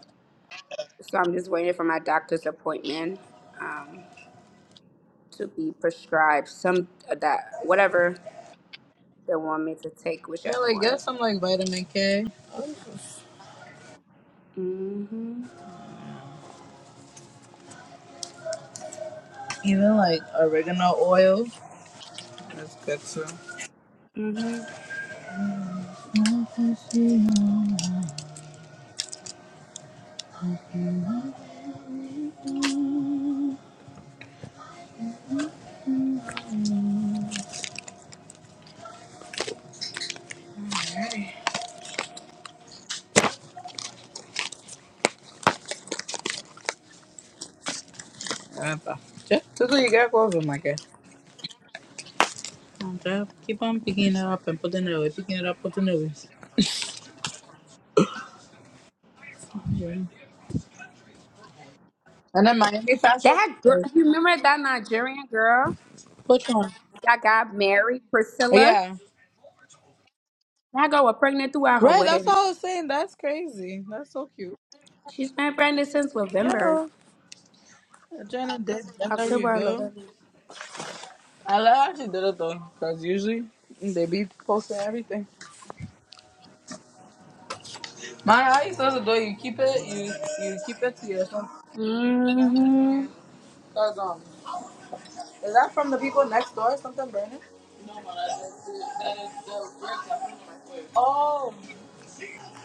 Speaker 2: So I'm just waiting for my doctor's appointment um, to be prescribed some of that whatever they want me to take,
Speaker 1: Yeah,
Speaker 2: whichever
Speaker 1: like
Speaker 2: one.
Speaker 1: get some like vitamin K,
Speaker 2: Mhm.
Speaker 1: even like oregano oil. That's good too.
Speaker 2: Mhm.
Speaker 1: Epa. Yeah, this what you get clothes on, my it. Okay, Keep on picking it up and putting it away, picking it up, putting it away. Yeah. And then Miami fashion.
Speaker 2: That girl, you remember that Nigerian girl
Speaker 1: Which one?
Speaker 2: that got married, Priscilla?
Speaker 1: Yeah.
Speaker 2: That girl was pregnant throughout her
Speaker 1: Right, that's what I
Speaker 2: weddings.
Speaker 1: was saying. That's crazy. That's so cute.
Speaker 2: She's been pregnant since November,
Speaker 1: Yeah. Jenna did gender
Speaker 2: October, or
Speaker 1: reveal.
Speaker 2: November.
Speaker 1: I love how she did it though, because usually they be posting everything. Man, how you supposed to do it? You keep it you you keep it to yourself. Yeah.
Speaker 2: Mm-hmm.
Speaker 1: Cause um is that from the people next door or something burning? That is the Oh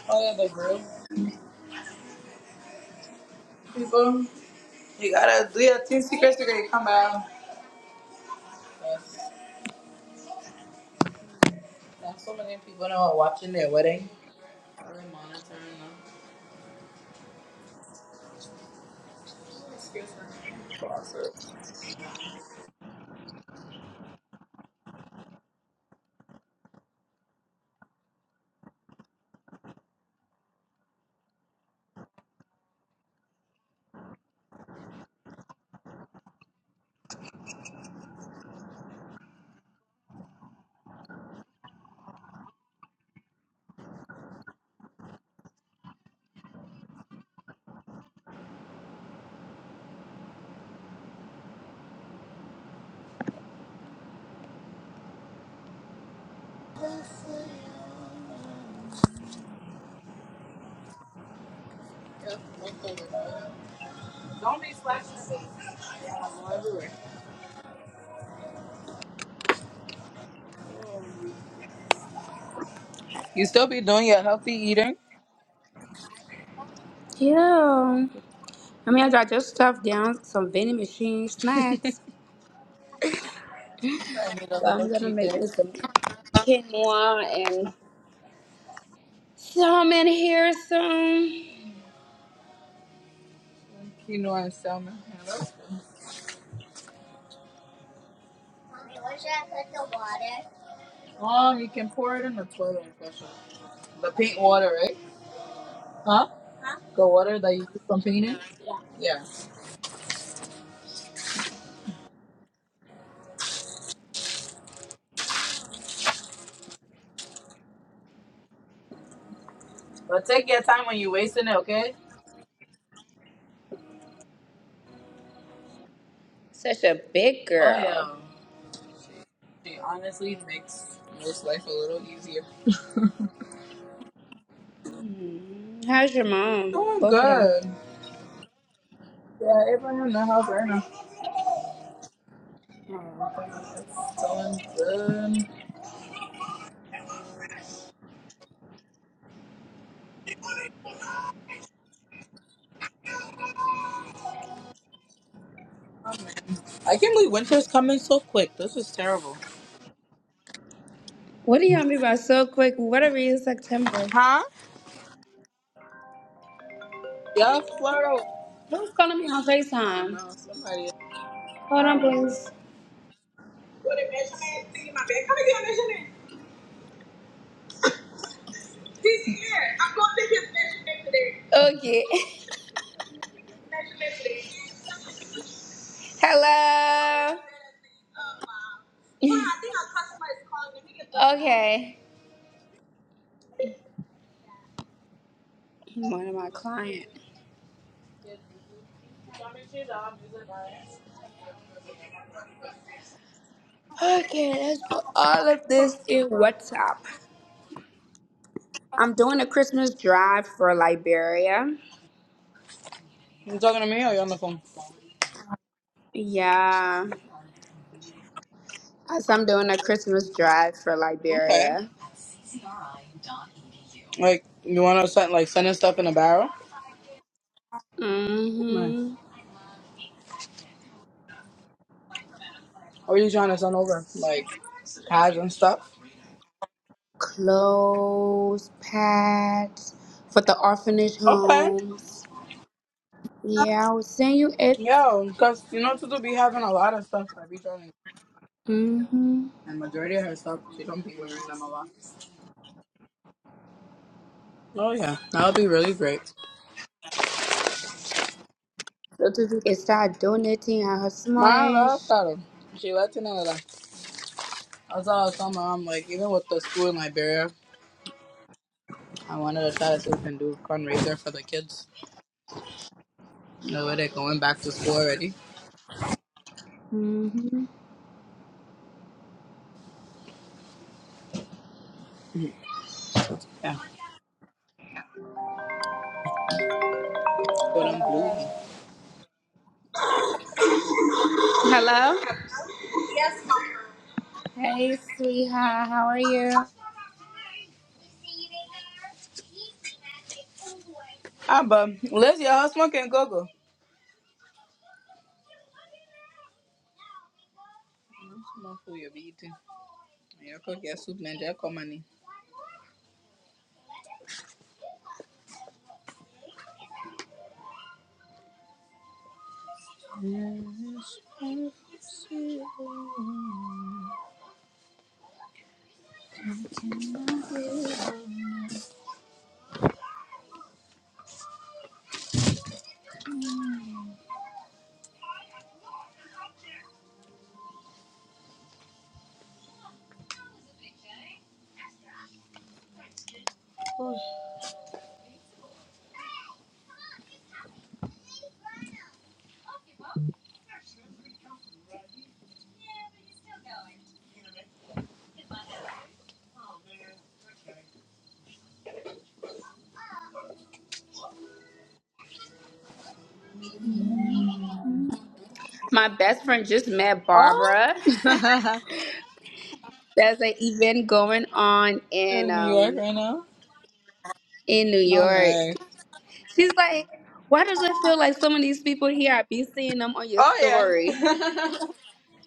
Speaker 1: Oh yeah, the grill. People you gotta do your team secret secret, you come out. Yes. Now so many people now are watching their wedding. Are they monitoring? Don't be slacking. You still be doing your healthy eating.
Speaker 2: Yeah. I mean, I just stuffed down, some vending machine snacks.
Speaker 1: I need a
Speaker 2: But I'm
Speaker 1: little
Speaker 2: gonna
Speaker 1: cheat
Speaker 2: make
Speaker 1: day.
Speaker 2: me some quinoa and salmon here soon.
Speaker 1: Quinoa and salmon. Hello. Mommy, where should I put the water? Um, you can pour it in the toilet and flush it. The paint water, right? Huh? Huh? The water that you use from painting? Yeah. Yeah. But take your time when you're wasting it, okay?
Speaker 2: Such a big
Speaker 1: Oh,
Speaker 2: girl.
Speaker 1: yeah. She honestly makes most life a little easier.
Speaker 2: Mm. How's your mom?
Speaker 1: Doing
Speaker 2: Both of them.
Speaker 1: good. Yeah, Abraham in the house right now.
Speaker 2: Oh, okay.
Speaker 1: Doing good. Oh, man. I can't believe winter's coming so quick. This is terrible.
Speaker 2: What are y'all be by so quick? Whatever is September.
Speaker 1: Huh? Yeah, Florida.
Speaker 2: Who's calling me on
Speaker 1: I don't
Speaker 2: FaceTime?
Speaker 1: know. Somebody.
Speaker 2: Hold
Speaker 1: I
Speaker 2: on,
Speaker 1: don't know.
Speaker 2: please. What a measurement. See my bag. Come here, measurement. He's here. I'm going to take his measurement today. Okay. *laughs* Hello. Okay. One of my clients. Okay, let's put all of this in
Speaker 1: Bro.
Speaker 2: WhatsApp. I'm doing a Christmas drive for Liberia.
Speaker 1: You talking to me or you on the phone?
Speaker 2: Yeah. As I'm doing a Christmas drive for
Speaker 1: Okay.
Speaker 2: Liberia.
Speaker 1: Like, you want to send like sending stuff in a barrel? man.
Speaker 2: Mm-hmm.
Speaker 1: Or you trying to send over like tags and stuff?
Speaker 2: Clothes, pads for the orphanage
Speaker 1: Okay.
Speaker 2: homes. Yeah, I will send you it.
Speaker 1: Yo, because you know Tutu be having a lot of stuff that be trying
Speaker 2: Mm-hmm.
Speaker 1: and majority of her stuff, she don't be wearing them a lot. Oh yeah, that would be really great.
Speaker 2: So Tutu can start donating at her small
Speaker 1: My
Speaker 2: age.
Speaker 1: love got 'em. She let you know that. I saw some. about. like, even with the school in Liberia, I wanted to try to see if we can do a fundraiser for the kids. You know, where they're going back to school already.
Speaker 2: hmm
Speaker 1: Yeah. But I'm blue.
Speaker 2: Hello? Hey, sweetheart. How are you?
Speaker 1: Ah, but Liz, your husband smoking go-go. Small food you'll be eating. you cook your soup, man. Just come on in.
Speaker 2: My best friend just met
Speaker 1: Oh,
Speaker 2: Barbara.
Speaker 1: *laughs*
Speaker 2: *laughs* There's an event going on in
Speaker 1: in New York
Speaker 2: um
Speaker 1: right now?
Speaker 2: in New
Speaker 1: No, nice.
Speaker 2: York. She's like, why does it feel like some of these people here? I be seeing them on your
Speaker 1: Oh yeah.
Speaker 2: story.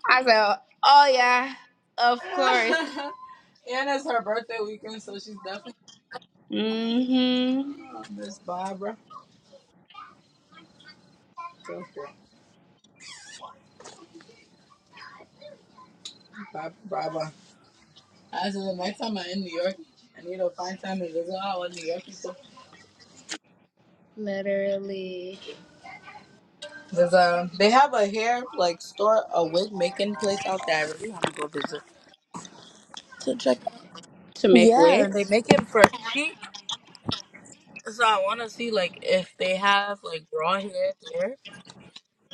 Speaker 2: I said, oh yeah, of course.
Speaker 1: *laughs* and it's her birthday weekend, so she's definitely
Speaker 2: Mm-hmm.
Speaker 1: oh, Miss Barbara. So cool. Barbara, Barbara. I said the next time I'm in New York, I need to find time to visit all the New York people.
Speaker 2: Literally.
Speaker 1: There's a, they have a hair like store, a wig making place out there. I really want to go visit to check.
Speaker 2: To make
Speaker 1: Yeah, and they
Speaker 2: wigs.
Speaker 1: make it for cheap. So I want to see like if they have like raw hair there,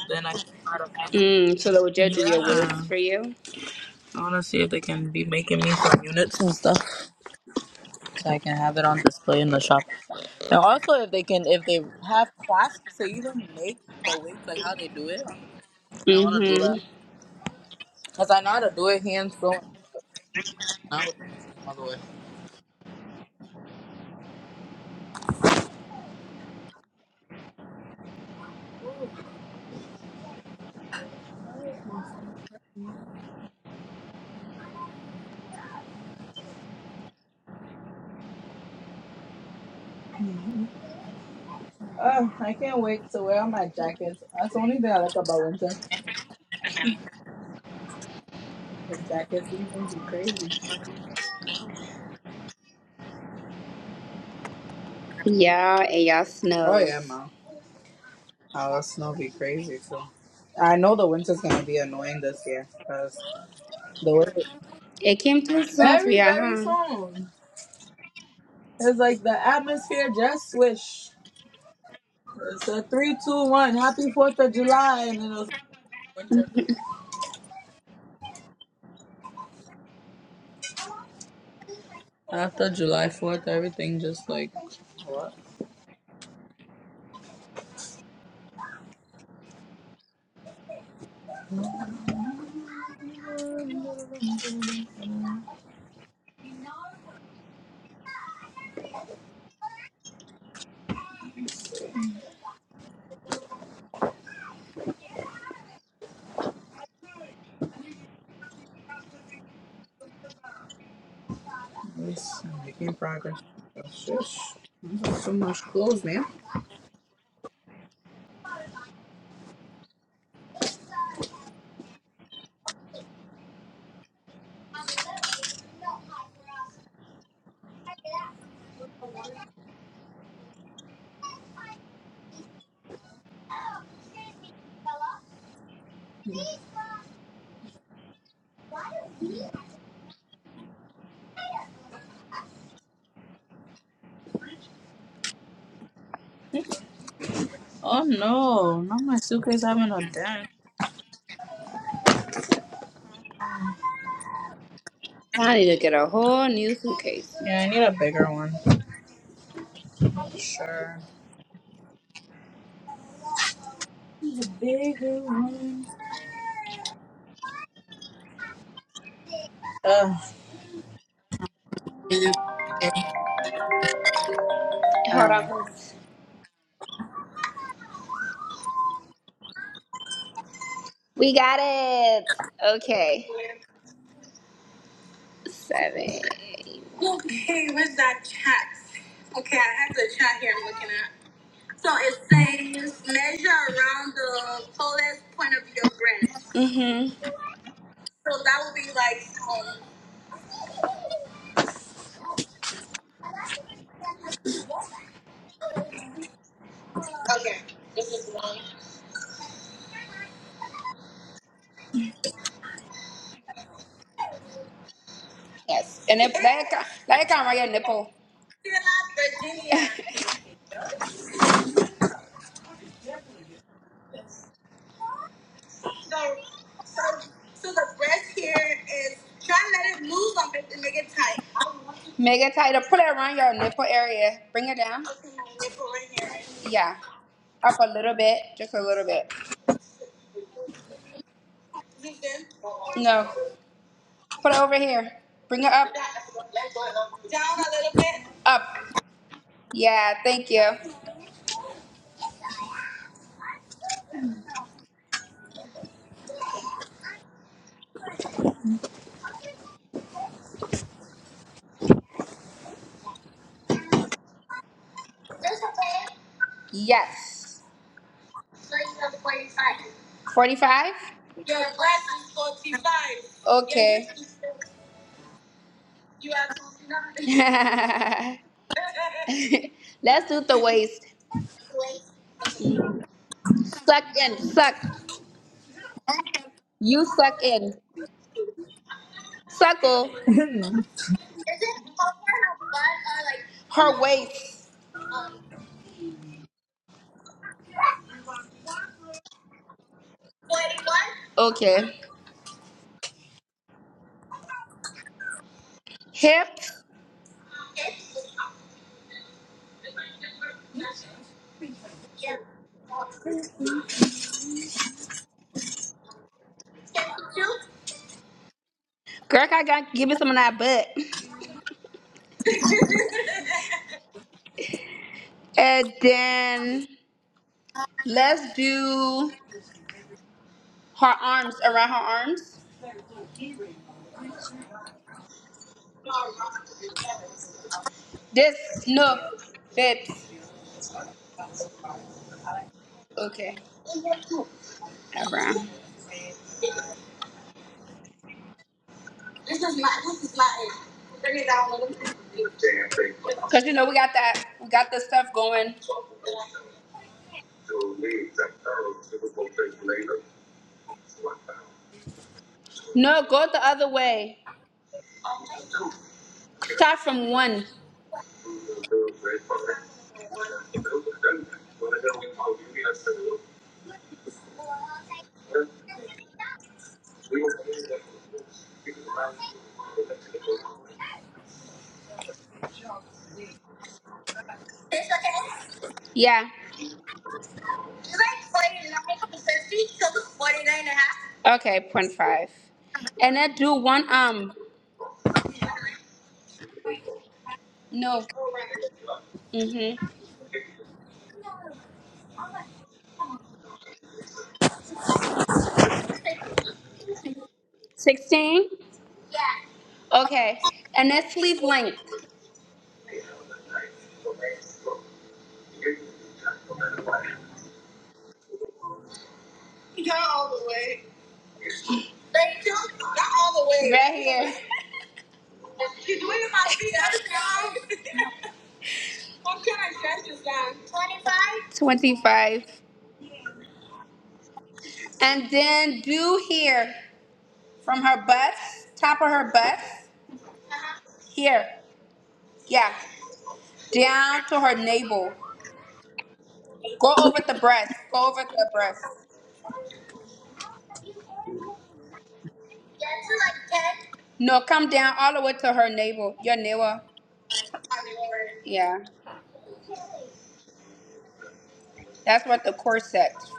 Speaker 1: then I can try to find.
Speaker 2: Mm, so the Ojo do your
Speaker 1: Yeah,
Speaker 2: wigs for you?
Speaker 1: I want to see if they can be making me some units and stuff so I can have it on display in the shop. And also if they can, if they have clasps to even make the wigs, like how they do it, I want to do
Speaker 2: Mm-hmm.
Speaker 1: that because I know how to do it hands sewing, not with the machine all the way. Oh, I can't wait to wear all my jackets. That's the only thing I like about winter. The jacket season be crazy.
Speaker 2: Yeah, and y'all
Speaker 1: Oh yeah,
Speaker 2: snows.
Speaker 1: man. Our snow be crazy too. I know the winter's gonna be annoying this year because the weather
Speaker 2: It came too soon for
Speaker 1: very
Speaker 2: y'all,
Speaker 1: very
Speaker 2: huh?
Speaker 1: soon. It's like the atmosphere just swish. It's a three, two, one. Happy Fourth of July, and then it was winter. After July Fourth, everything just like what? At least I'm making progress. Oh, Shush. There's so much clothes, man. Oh no, not my suitcase having a dent.
Speaker 2: I need to get a whole new suitcase.
Speaker 1: Yeah, I need a bigger one. Sure. The bigger one. Ugh, *laughs* it is
Speaker 2: Hold on,
Speaker 1: terrible.
Speaker 2: please. We got it. Okay. Seven. Okay, where's that chat? Okay, I have the chat here I'm looking at. So it says measure around the tallest point of your breast. Mm-hmm. So that would be like, um, okay, this is one. Yes. And if that account, that account right here, nipple. Virginia. So, so, so the breast here is try to let it loose on it and make it tight. I want you to- Make it tight. Put it around your nipple area. Bring it down. Okay, my nipple right here. right? Yeah. Up a little bit, just a little bit. This them. No. Put it over here. Bring it up. Down a little bit. Up. Yeah. Thank you. This okay? Yes. 45? Your breath is 45. Okay. You are 29. *laughs* *laughs* Let's do the waist. Waist. Mhm. Suck in, suck. You suck in. Suckle. Isn't Her butt or like her waist. Um, Forty-one. Okay. Hip. Hip. Yeah. Girl, I got give me some of that butt. *laughs* And then let's do her arms around her arms. This no, that's okay. Around. Cause you know we got that, we got the stuff going. No, go the other way. Start from one. Yeah. Okay, point five. And then do one arm. No. Mm-hmm. Sixteen? Okay. And then sleeve length. Right here. *laughs* Twenty-five. And then do here from her butt, top of her butt, here. Yeah, down to her navel. Go over the breast. Go over the breast. No, come down all the way to her navel. Your navel. Yeah, that's what the corset.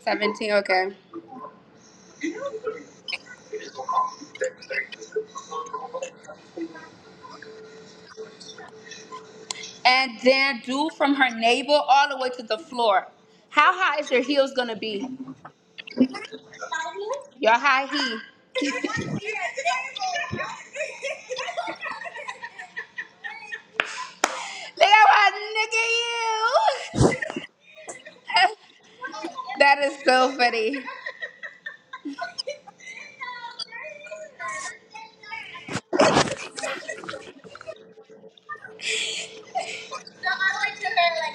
Speaker 2: Seventeen. Okay. And then do from her navel all the way to the floor. How high is your heels gonna be? Your high heel. *laughs* Look at my nigga you. *laughs* that is so funny.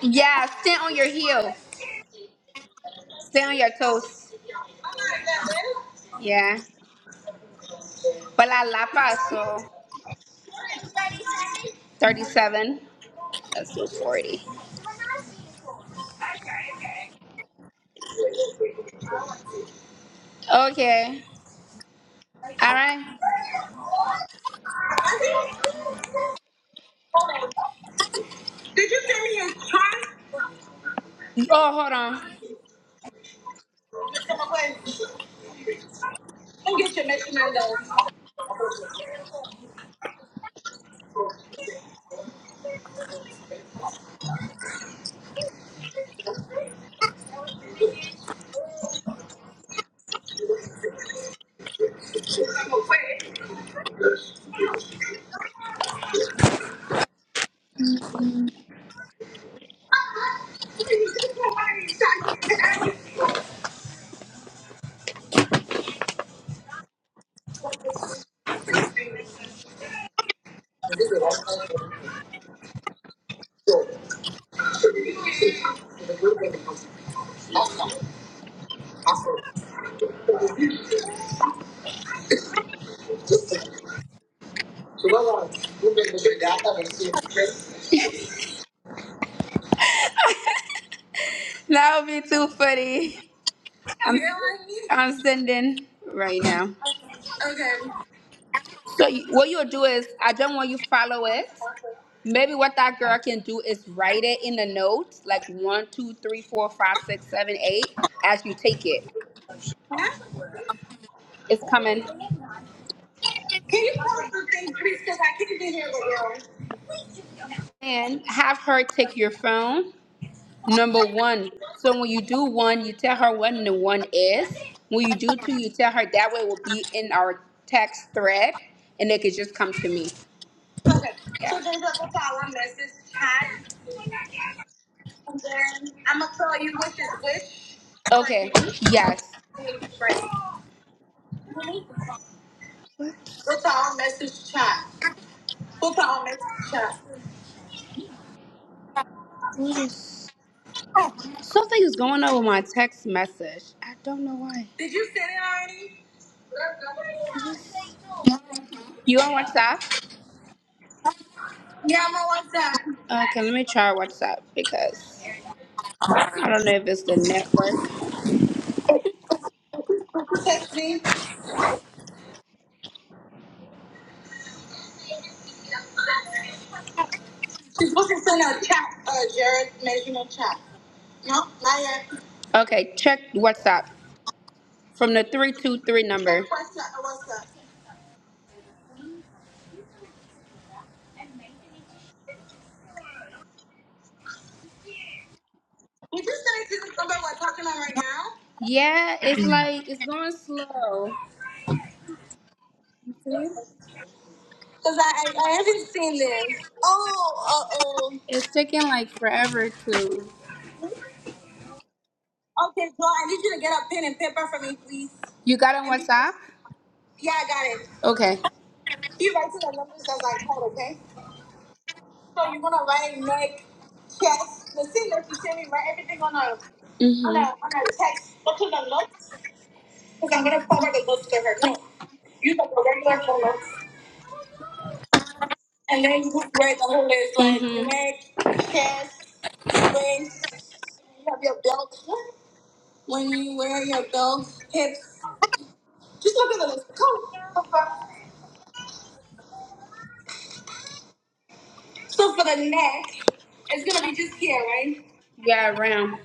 Speaker 2: Yeah, stand on your heel. Stay on your toes. Yeah. But la lapa, so 37. Let's do 40. Okay. All right. Oh, hold on. Mr. McQuaid, come get your Michelando. Mr. McQuaid. That would be too funny. I'm, Really? I'm sending right now. Okay. So you, what you'll do is, I don't want you to follow it. Maybe what that girl can do is write it in the notes, like one, two, three, four, five, six, seven, eight, as you take it. Huh? It's coming.
Speaker 1: *laughs*
Speaker 2: Can you post the thing, please? Because I can't get here, girl. And have her take your phone. Number one. So when you do one, you tell her when the one is. When you do two, you tell her that way it will be in our text thread and they could just come to me. Okay. Yeah. So there's like a power message chat and then I'm gonna tell you which is which. Okay. Yes. Wait, Right. We'll power message chat. We'll power message chat. What is? Something is going on with my text message. I don't know why. Did you send it already? I just. You on WhatsApp? Yeah, I'm on WhatsApp. Okay, let me try WhatsApp because I don't know if it's the network. Could you text me? She's supposed to send a chat, uh, Jared measurement chat. No, not yet. Okay, check WhatsApp from the 323 number. WhatsApp, WhatsApp. Is this connected to somebody we're talking on right now? Yeah, it's like it's going slow. You see? Cause I, I I haven't seen this. Oh, uh oh. It's taking like forever to. Okay, so I need you to get a pen and paper for me, please. You got it on WhatsApp? Yeah, I got it. Okay. You write to the numbers as I call, okay? So you're gonna write neck, chest, the thing that you send me, write everything on a on a hmm on a text. Go to the notes. Because I'm going to forward the book to her. No. You have the regular photos. And then you put the whole is like Mhm. neck, chest, waist. You have your belt. When you wear your belt, hips. Just look at the list. Come. So for the neck, it's going to be just here, right? Yeah, around.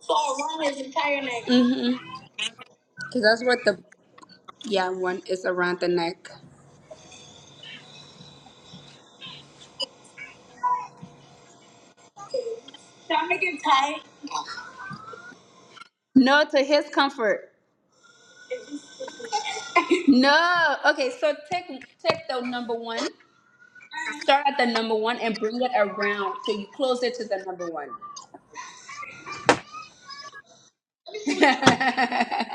Speaker 2: So around his entire neck. Mm-hmm. Because that's what the, yeah, one is around the neck. Should I make it tight? No, to his comfort. No. Okay, so take take the number one. Start at the number one and bring it around till you close it to the number one. *laughs*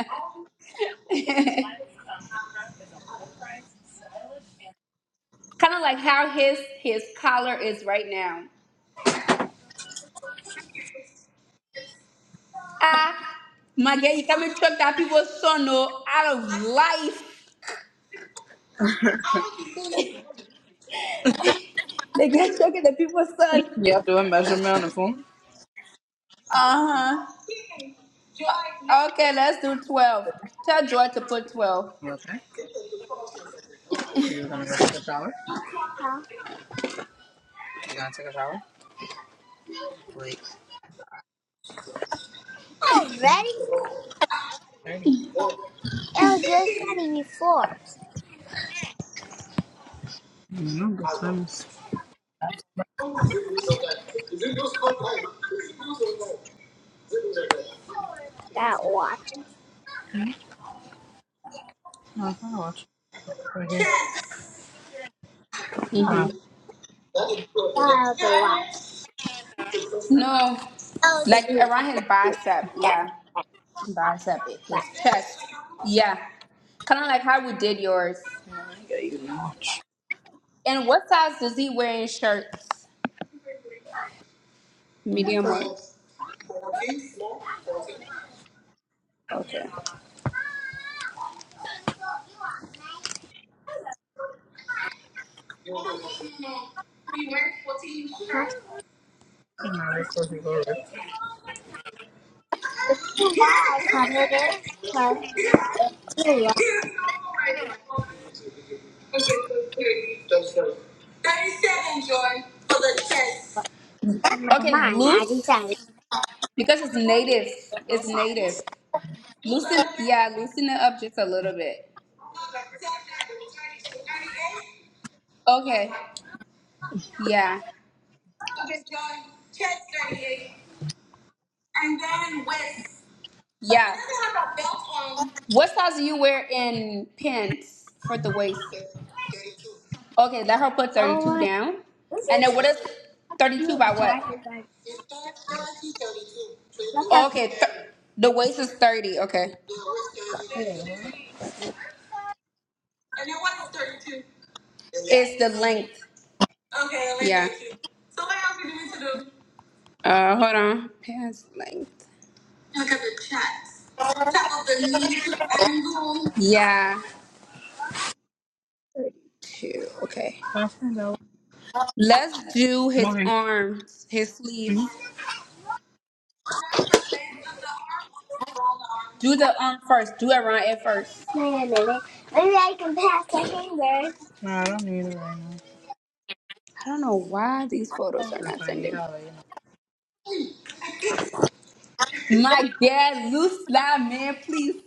Speaker 2: kind of like how his his collar is right now. Ah, my girl, you coming choke that people's son no out of life. *laughs* They get choking the people's son.
Speaker 1: Yeah, do a measurement of phone.
Speaker 2: Uh huh. Okay, let's do twelve. Tell Joy to put twelve.
Speaker 1: You okay? You're gonna go take a shower? Huh? You gonna take a shower? Wait. Already? 30. It was just thirty before. No, good times. That watch. No, it's not a watch. Right here. Come on.
Speaker 2: hmm
Speaker 1: That was a watch.
Speaker 2: No,
Speaker 1: That was a
Speaker 2: like
Speaker 1: new watch.
Speaker 2: around his bicep.
Speaker 1: That
Speaker 2: Yeah,
Speaker 1: watch.
Speaker 2: bicep, it- his chest. Yeah, kind of like how we did yours.
Speaker 1: I got you a watch.
Speaker 2: And what size does he wear in shirts?
Speaker 1: Mhm,
Speaker 2: Medium or okay.
Speaker 1: okay. No, they're closing doors. The reason why I colored it was Julia
Speaker 2: Thirty seven, Joy, *laughs* for the chest.
Speaker 1: in my
Speaker 2: Okay,
Speaker 1: mind. I
Speaker 2: loose
Speaker 1: decided
Speaker 2: because it's native. It's
Speaker 1: that,
Speaker 2: native. Loosen, yeah, loosen it up just a little bit. Okay, yeah. Yeah. What size do you wear in pants for the waist? Okay, let her put 32
Speaker 1: oh,
Speaker 2: down.
Speaker 1: this
Speaker 2: And
Speaker 1: is
Speaker 2: then what is 32 by what?
Speaker 1: look how cute
Speaker 2: Okay, th- the waist is 30. Okay. And then what is 32? It's the length. Okay, I like Yeah. 32. So what else are you need to do? Uh, hold on. Past length. Look at the chest. Top of the knee to angle. Yeah. Two. Okay.
Speaker 1: Pass me the
Speaker 2: Let's do his
Speaker 1: smoking.
Speaker 2: arms, his sleeves. Now do the length of the arm or around the arm. Do the arm first. Do it around it first.
Speaker 1: Wait a minute. Maybe I can pass the fingers. No, I don't need it right now.
Speaker 2: I don't know why these photos are
Speaker 1: If I
Speaker 2: not
Speaker 1: need it,
Speaker 2: sending.
Speaker 1: I'll let you
Speaker 2: My God, loose line, man, please.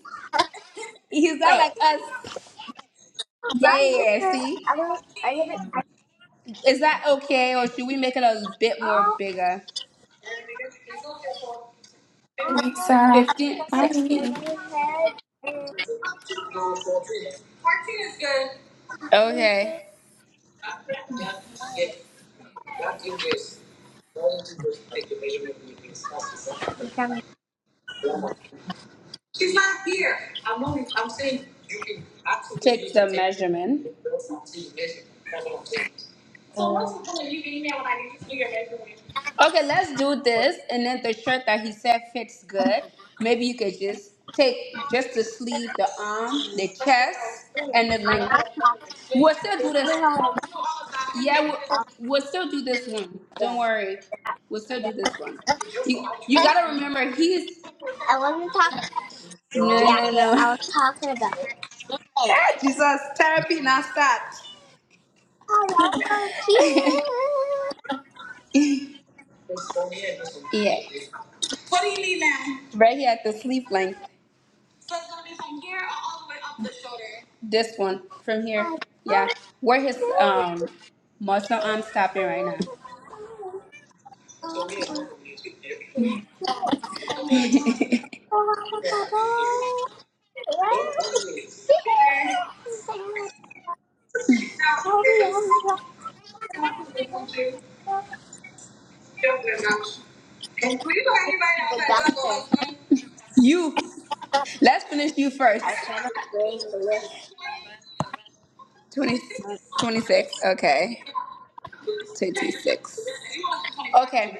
Speaker 2: He's not
Speaker 1: Wait,
Speaker 2: like us. Yeah,
Speaker 1: run
Speaker 2: yeah, yeah.
Speaker 1: picture. I
Speaker 2: See,
Speaker 1: don't. I didn't. I,
Speaker 2: is that okay, or should we make it a bit more
Speaker 1: oh,
Speaker 2: bigger?
Speaker 1: oh,
Speaker 4: Lisa.
Speaker 2: Fifteen,
Speaker 1: such a
Speaker 4: Hi.
Speaker 2: sixteen.
Speaker 1: pretty head.
Speaker 2: fourteen is good. Okay.
Speaker 1: Becoming
Speaker 2: She's not here. I'm not. I'm saying you can absolutely Take the measurement. That's what I'm saying, measure. That's what I'm saying. Okay, let's do this. And then the shirt that he said fits good. Maybe you could just take just the sleeve, the arm, the chest, and the
Speaker 1: on
Speaker 2: length.
Speaker 1: my
Speaker 2: We'll still do this. Yeah, we'll, we'll still do this one. Don't worry. We'll still do this one. You, you gotta remember, he's.
Speaker 1: I wasn't talking about
Speaker 2: No, no,
Speaker 1: jacket. I
Speaker 2: no. *laughs*
Speaker 1: was talking about. head.
Speaker 2: Ah, Jesus, therapy not start.
Speaker 1: I love you.
Speaker 2: *laughs* yeah. What do you need now? Right here at the sleeve length. So it's gonna be from here all the way up the shoulder. This one from here.
Speaker 1: I love
Speaker 2: Yeah. Where his
Speaker 1: you.
Speaker 2: um muscle arm stopping right now. *laughs* Here. Now this. I want to thank you. so very much. And do you know anybody else
Speaker 1: The
Speaker 2: that does a
Speaker 1: doctor.
Speaker 2: husband? You. Let's finish you first.
Speaker 1: I try to bring the list.
Speaker 2: *laughs* 20, 26. Okay. 36. Okay.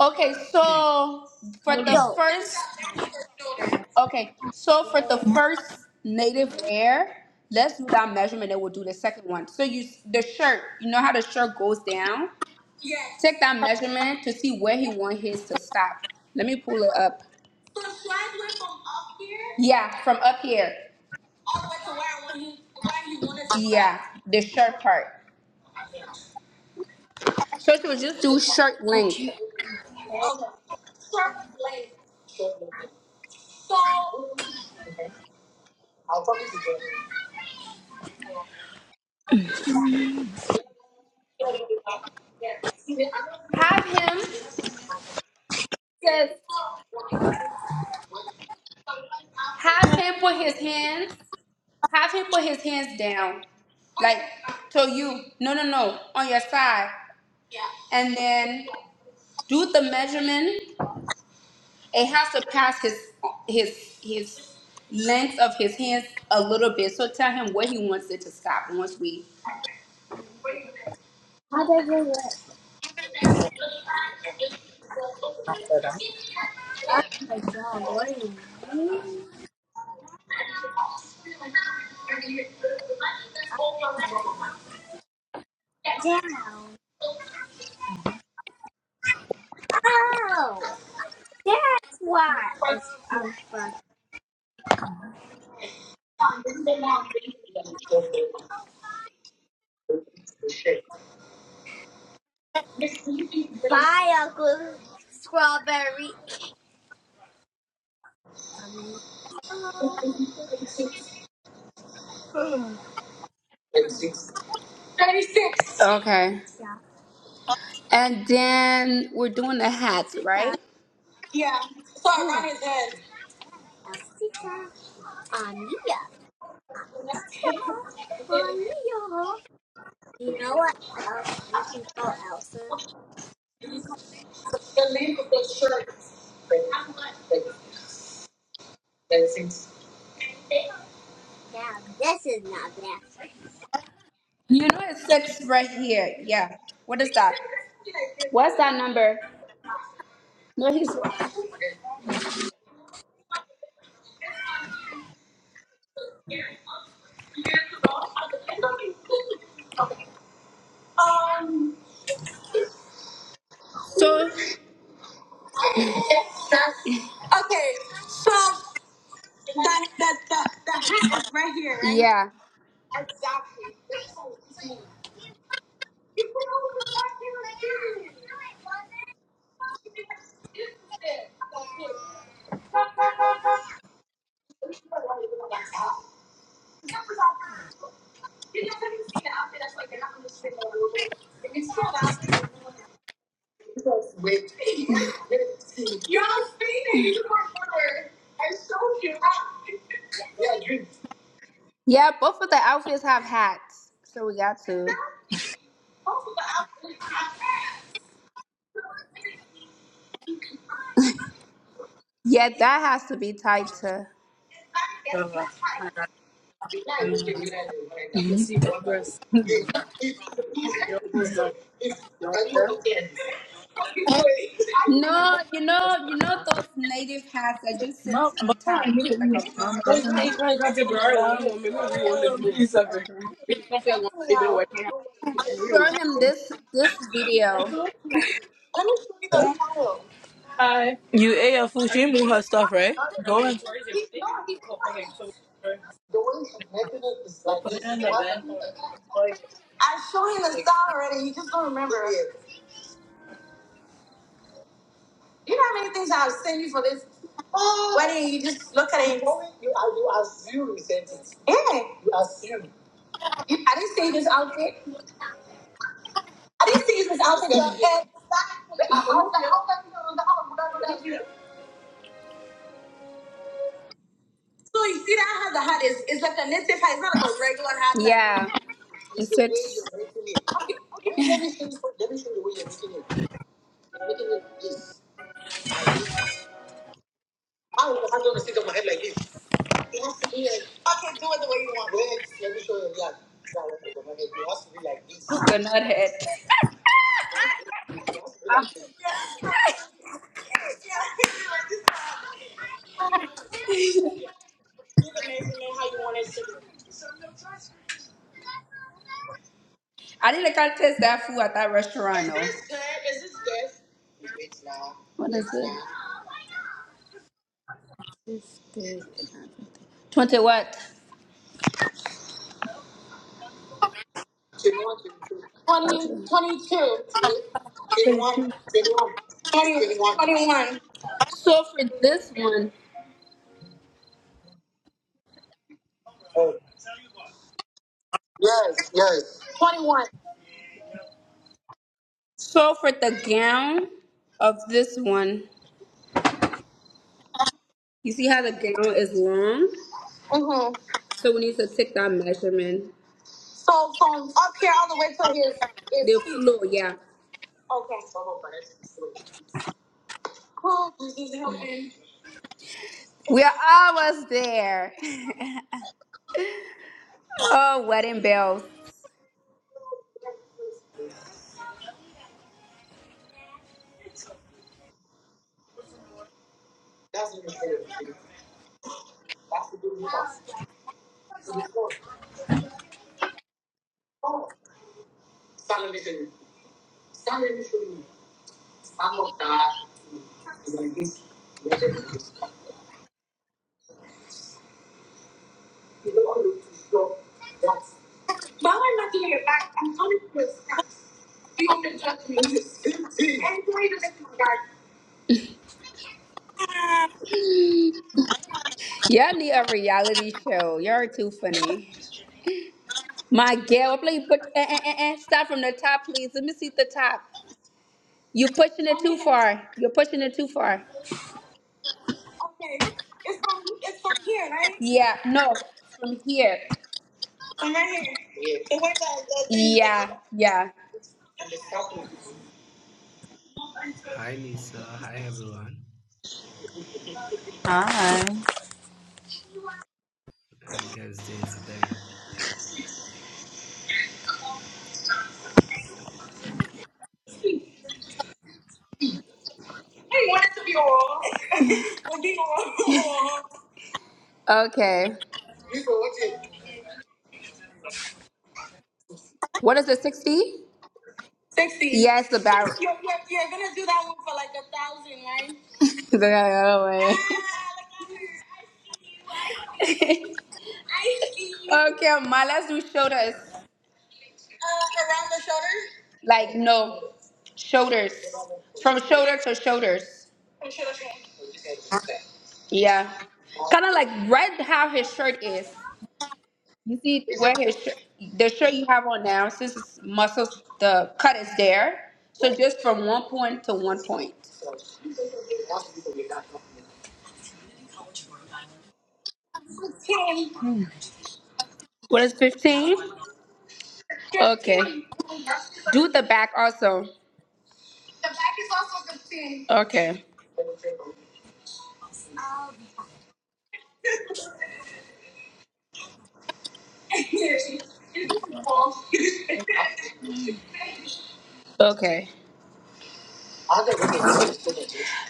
Speaker 2: Okay, so for
Speaker 1: You
Speaker 2: the
Speaker 1: go.
Speaker 2: first Okay, so for the
Speaker 1: Yeah.
Speaker 2: first native wear, let's do that measurement and we'll do the second one. So you the shirt, you know how the shirt goes down? Yes. Take that measurement to see where he want his to stop. Let me pull it up. So should I do it From up here. Yeah, from up here. All the way to to where I want him. where he want us to stop. Yeah, the shirt part. First of all, just do shirt length. Have him just have him put his hands have him put his hands down. Like so you no no no on your side. And then do the measurement it has to pass his his his length of his hands a little bit. So tell him where he wants it to stop once we.
Speaker 1: How does it look? After that. Down. Oh, that's why it's unfunny. Bye, Uncle strawberry.
Speaker 2: Okay. And then we're doing the hat,
Speaker 1: Elsita,
Speaker 2: right? Yeah. So
Speaker 1: Mia,
Speaker 2: around his head.
Speaker 1: Elsita, Ania. Ania. You know what else you can call Elsa? You can call Mia. Now, this is not bad.
Speaker 2: You know it's six right here. Yeah. What is that? What's that number? No, he's Um. so Okay. So the the the, the hat is right here, right? yeah. Exactly. It's so easy. You put all the time here. Yeah, both of the outfits have hats, so we got to. Yeah, that has to be tighter.
Speaker 1: Uh, you can see progress. You're almost done. You're there.
Speaker 2: No, you know, you know those native hats that just
Speaker 1: No,
Speaker 2: sits
Speaker 1: but
Speaker 2: on
Speaker 1: I
Speaker 2: top
Speaker 1: need it.
Speaker 2: like a.
Speaker 1: I'm not going to. I
Speaker 2: crown?
Speaker 1: got the girl. I'm going to be on the blue.
Speaker 2: Show him this this video. you You you You you you the the style.
Speaker 1: You ate your food. She her stuff,
Speaker 2: like,
Speaker 1: right?
Speaker 2: like
Speaker 1: Go and go put it in the bed.
Speaker 2: I I've I I I him already. just just don't didn't. didn't didn't not remember it. it. know how many things I've sent you for this? I didn't. You just look at see see see this outfit. I didn't see this outfit. Yeah. So you see that hat hat. hat. is? It's It's like a knitted hat. It's not like a regular hat. Yeah. It's six. Coconut head. It has to be like this. Coconut head. *laughs* I didn't can't taste that food at that restaurant. No. What is it? It's good. Twenty what? One. So for this one, so for the gown of this one, you see how the gown is long. So we need to take that measurement. So from up here all the way to his, his The feet. floor, yeah. Okay. We are almost there. *laughs* oh, wedding bells. Y'all need a reality show. you are too funny. My girl, please put eh, eh, eh, eh. start from the top, please. Let me see the top. You're pushing it too far. You're pushing it too far. Okay. It's from it's from here, right? Yeah, no, from here. From right here. The way the, the thing Yeah, yeah.
Speaker 5: Hi Lisa, hi everyone.
Speaker 1: Hi.
Speaker 5: I guess Jane's day.
Speaker 2: I want it to be all. *laughs* Like, be all. Okay. What is it, 60? 60. Yes, the barrel. You're, you're, you're gonna do that one for like a thousand, right? *laughs* They gotta go away. Ah, look at her. I see you. I see you. *laughs* I see you. Okay, Ma, let's do shoulders. Uh, around the shoulders. Like, no. Shoulders. From shoulder to shoulders. From shoulder to shoulder. Yeah. Kind of like right how his shirt is. You see where his shirt, the shirt you have on now, since it's muscles, the cut is there. So just from one point to one point.
Speaker 1: Hmm.
Speaker 2: What is 15? Okay. Do the back also. The back is also 15. Okay. Okay.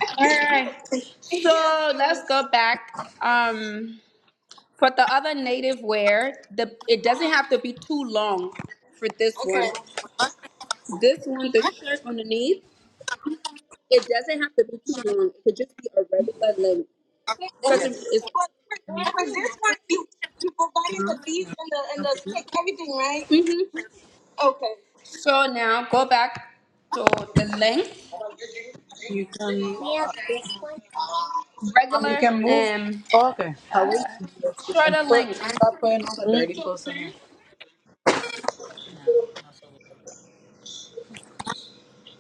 Speaker 2: *laughs* All right. So let's go back. Um, for the other native wear, the it doesn't have to be too long for this one. This one, the shirt underneath, it doesn't have to be too long. It could just be a regular length. Because Okay. it's it's- But for, for this one, you you providing the beads and the and the stick, everything, right? hmm Okay. So now go back to the length,
Speaker 1: You can. Um, you
Speaker 2: regular
Speaker 1: can move.
Speaker 2: um
Speaker 1: Oh, okay. How we
Speaker 2: uh,
Speaker 1: we can
Speaker 2: shorter
Speaker 1: put
Speaker 2: length.
Speaker 1: stop putting all the dirty clothes in here.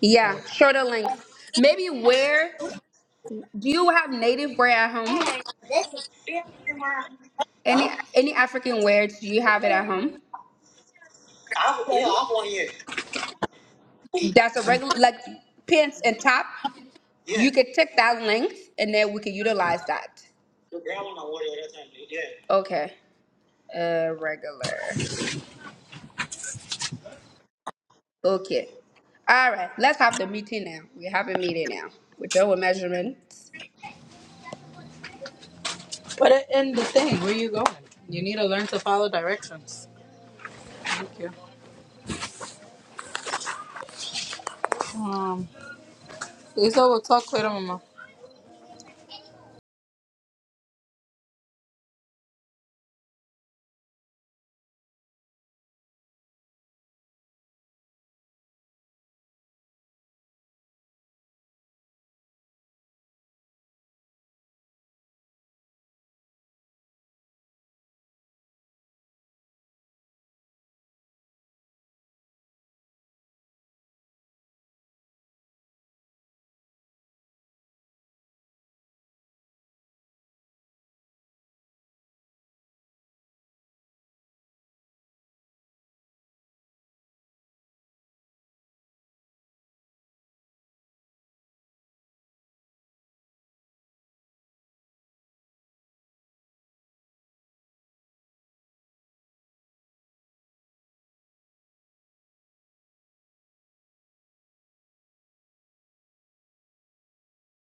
Speaker 2: Yeah,
Speaker 1: Sorry.
Speaker 2: shorter length. Maybe wear. Do you have native wear at home? Yeah, Mara. Any any African wear? Do you have it at home? That's a regular like pants and top. Yeah. You could take that length and then we could utilize that. Okay. Uh regular. Okay. All right. Let's have the meeting now. We have a meeting now. We're done with measurements.
Speaker 1: Put it in the thing. Where you going? You need to learn to follow directions. Thank you. Um, Lisa will talk later, Mama.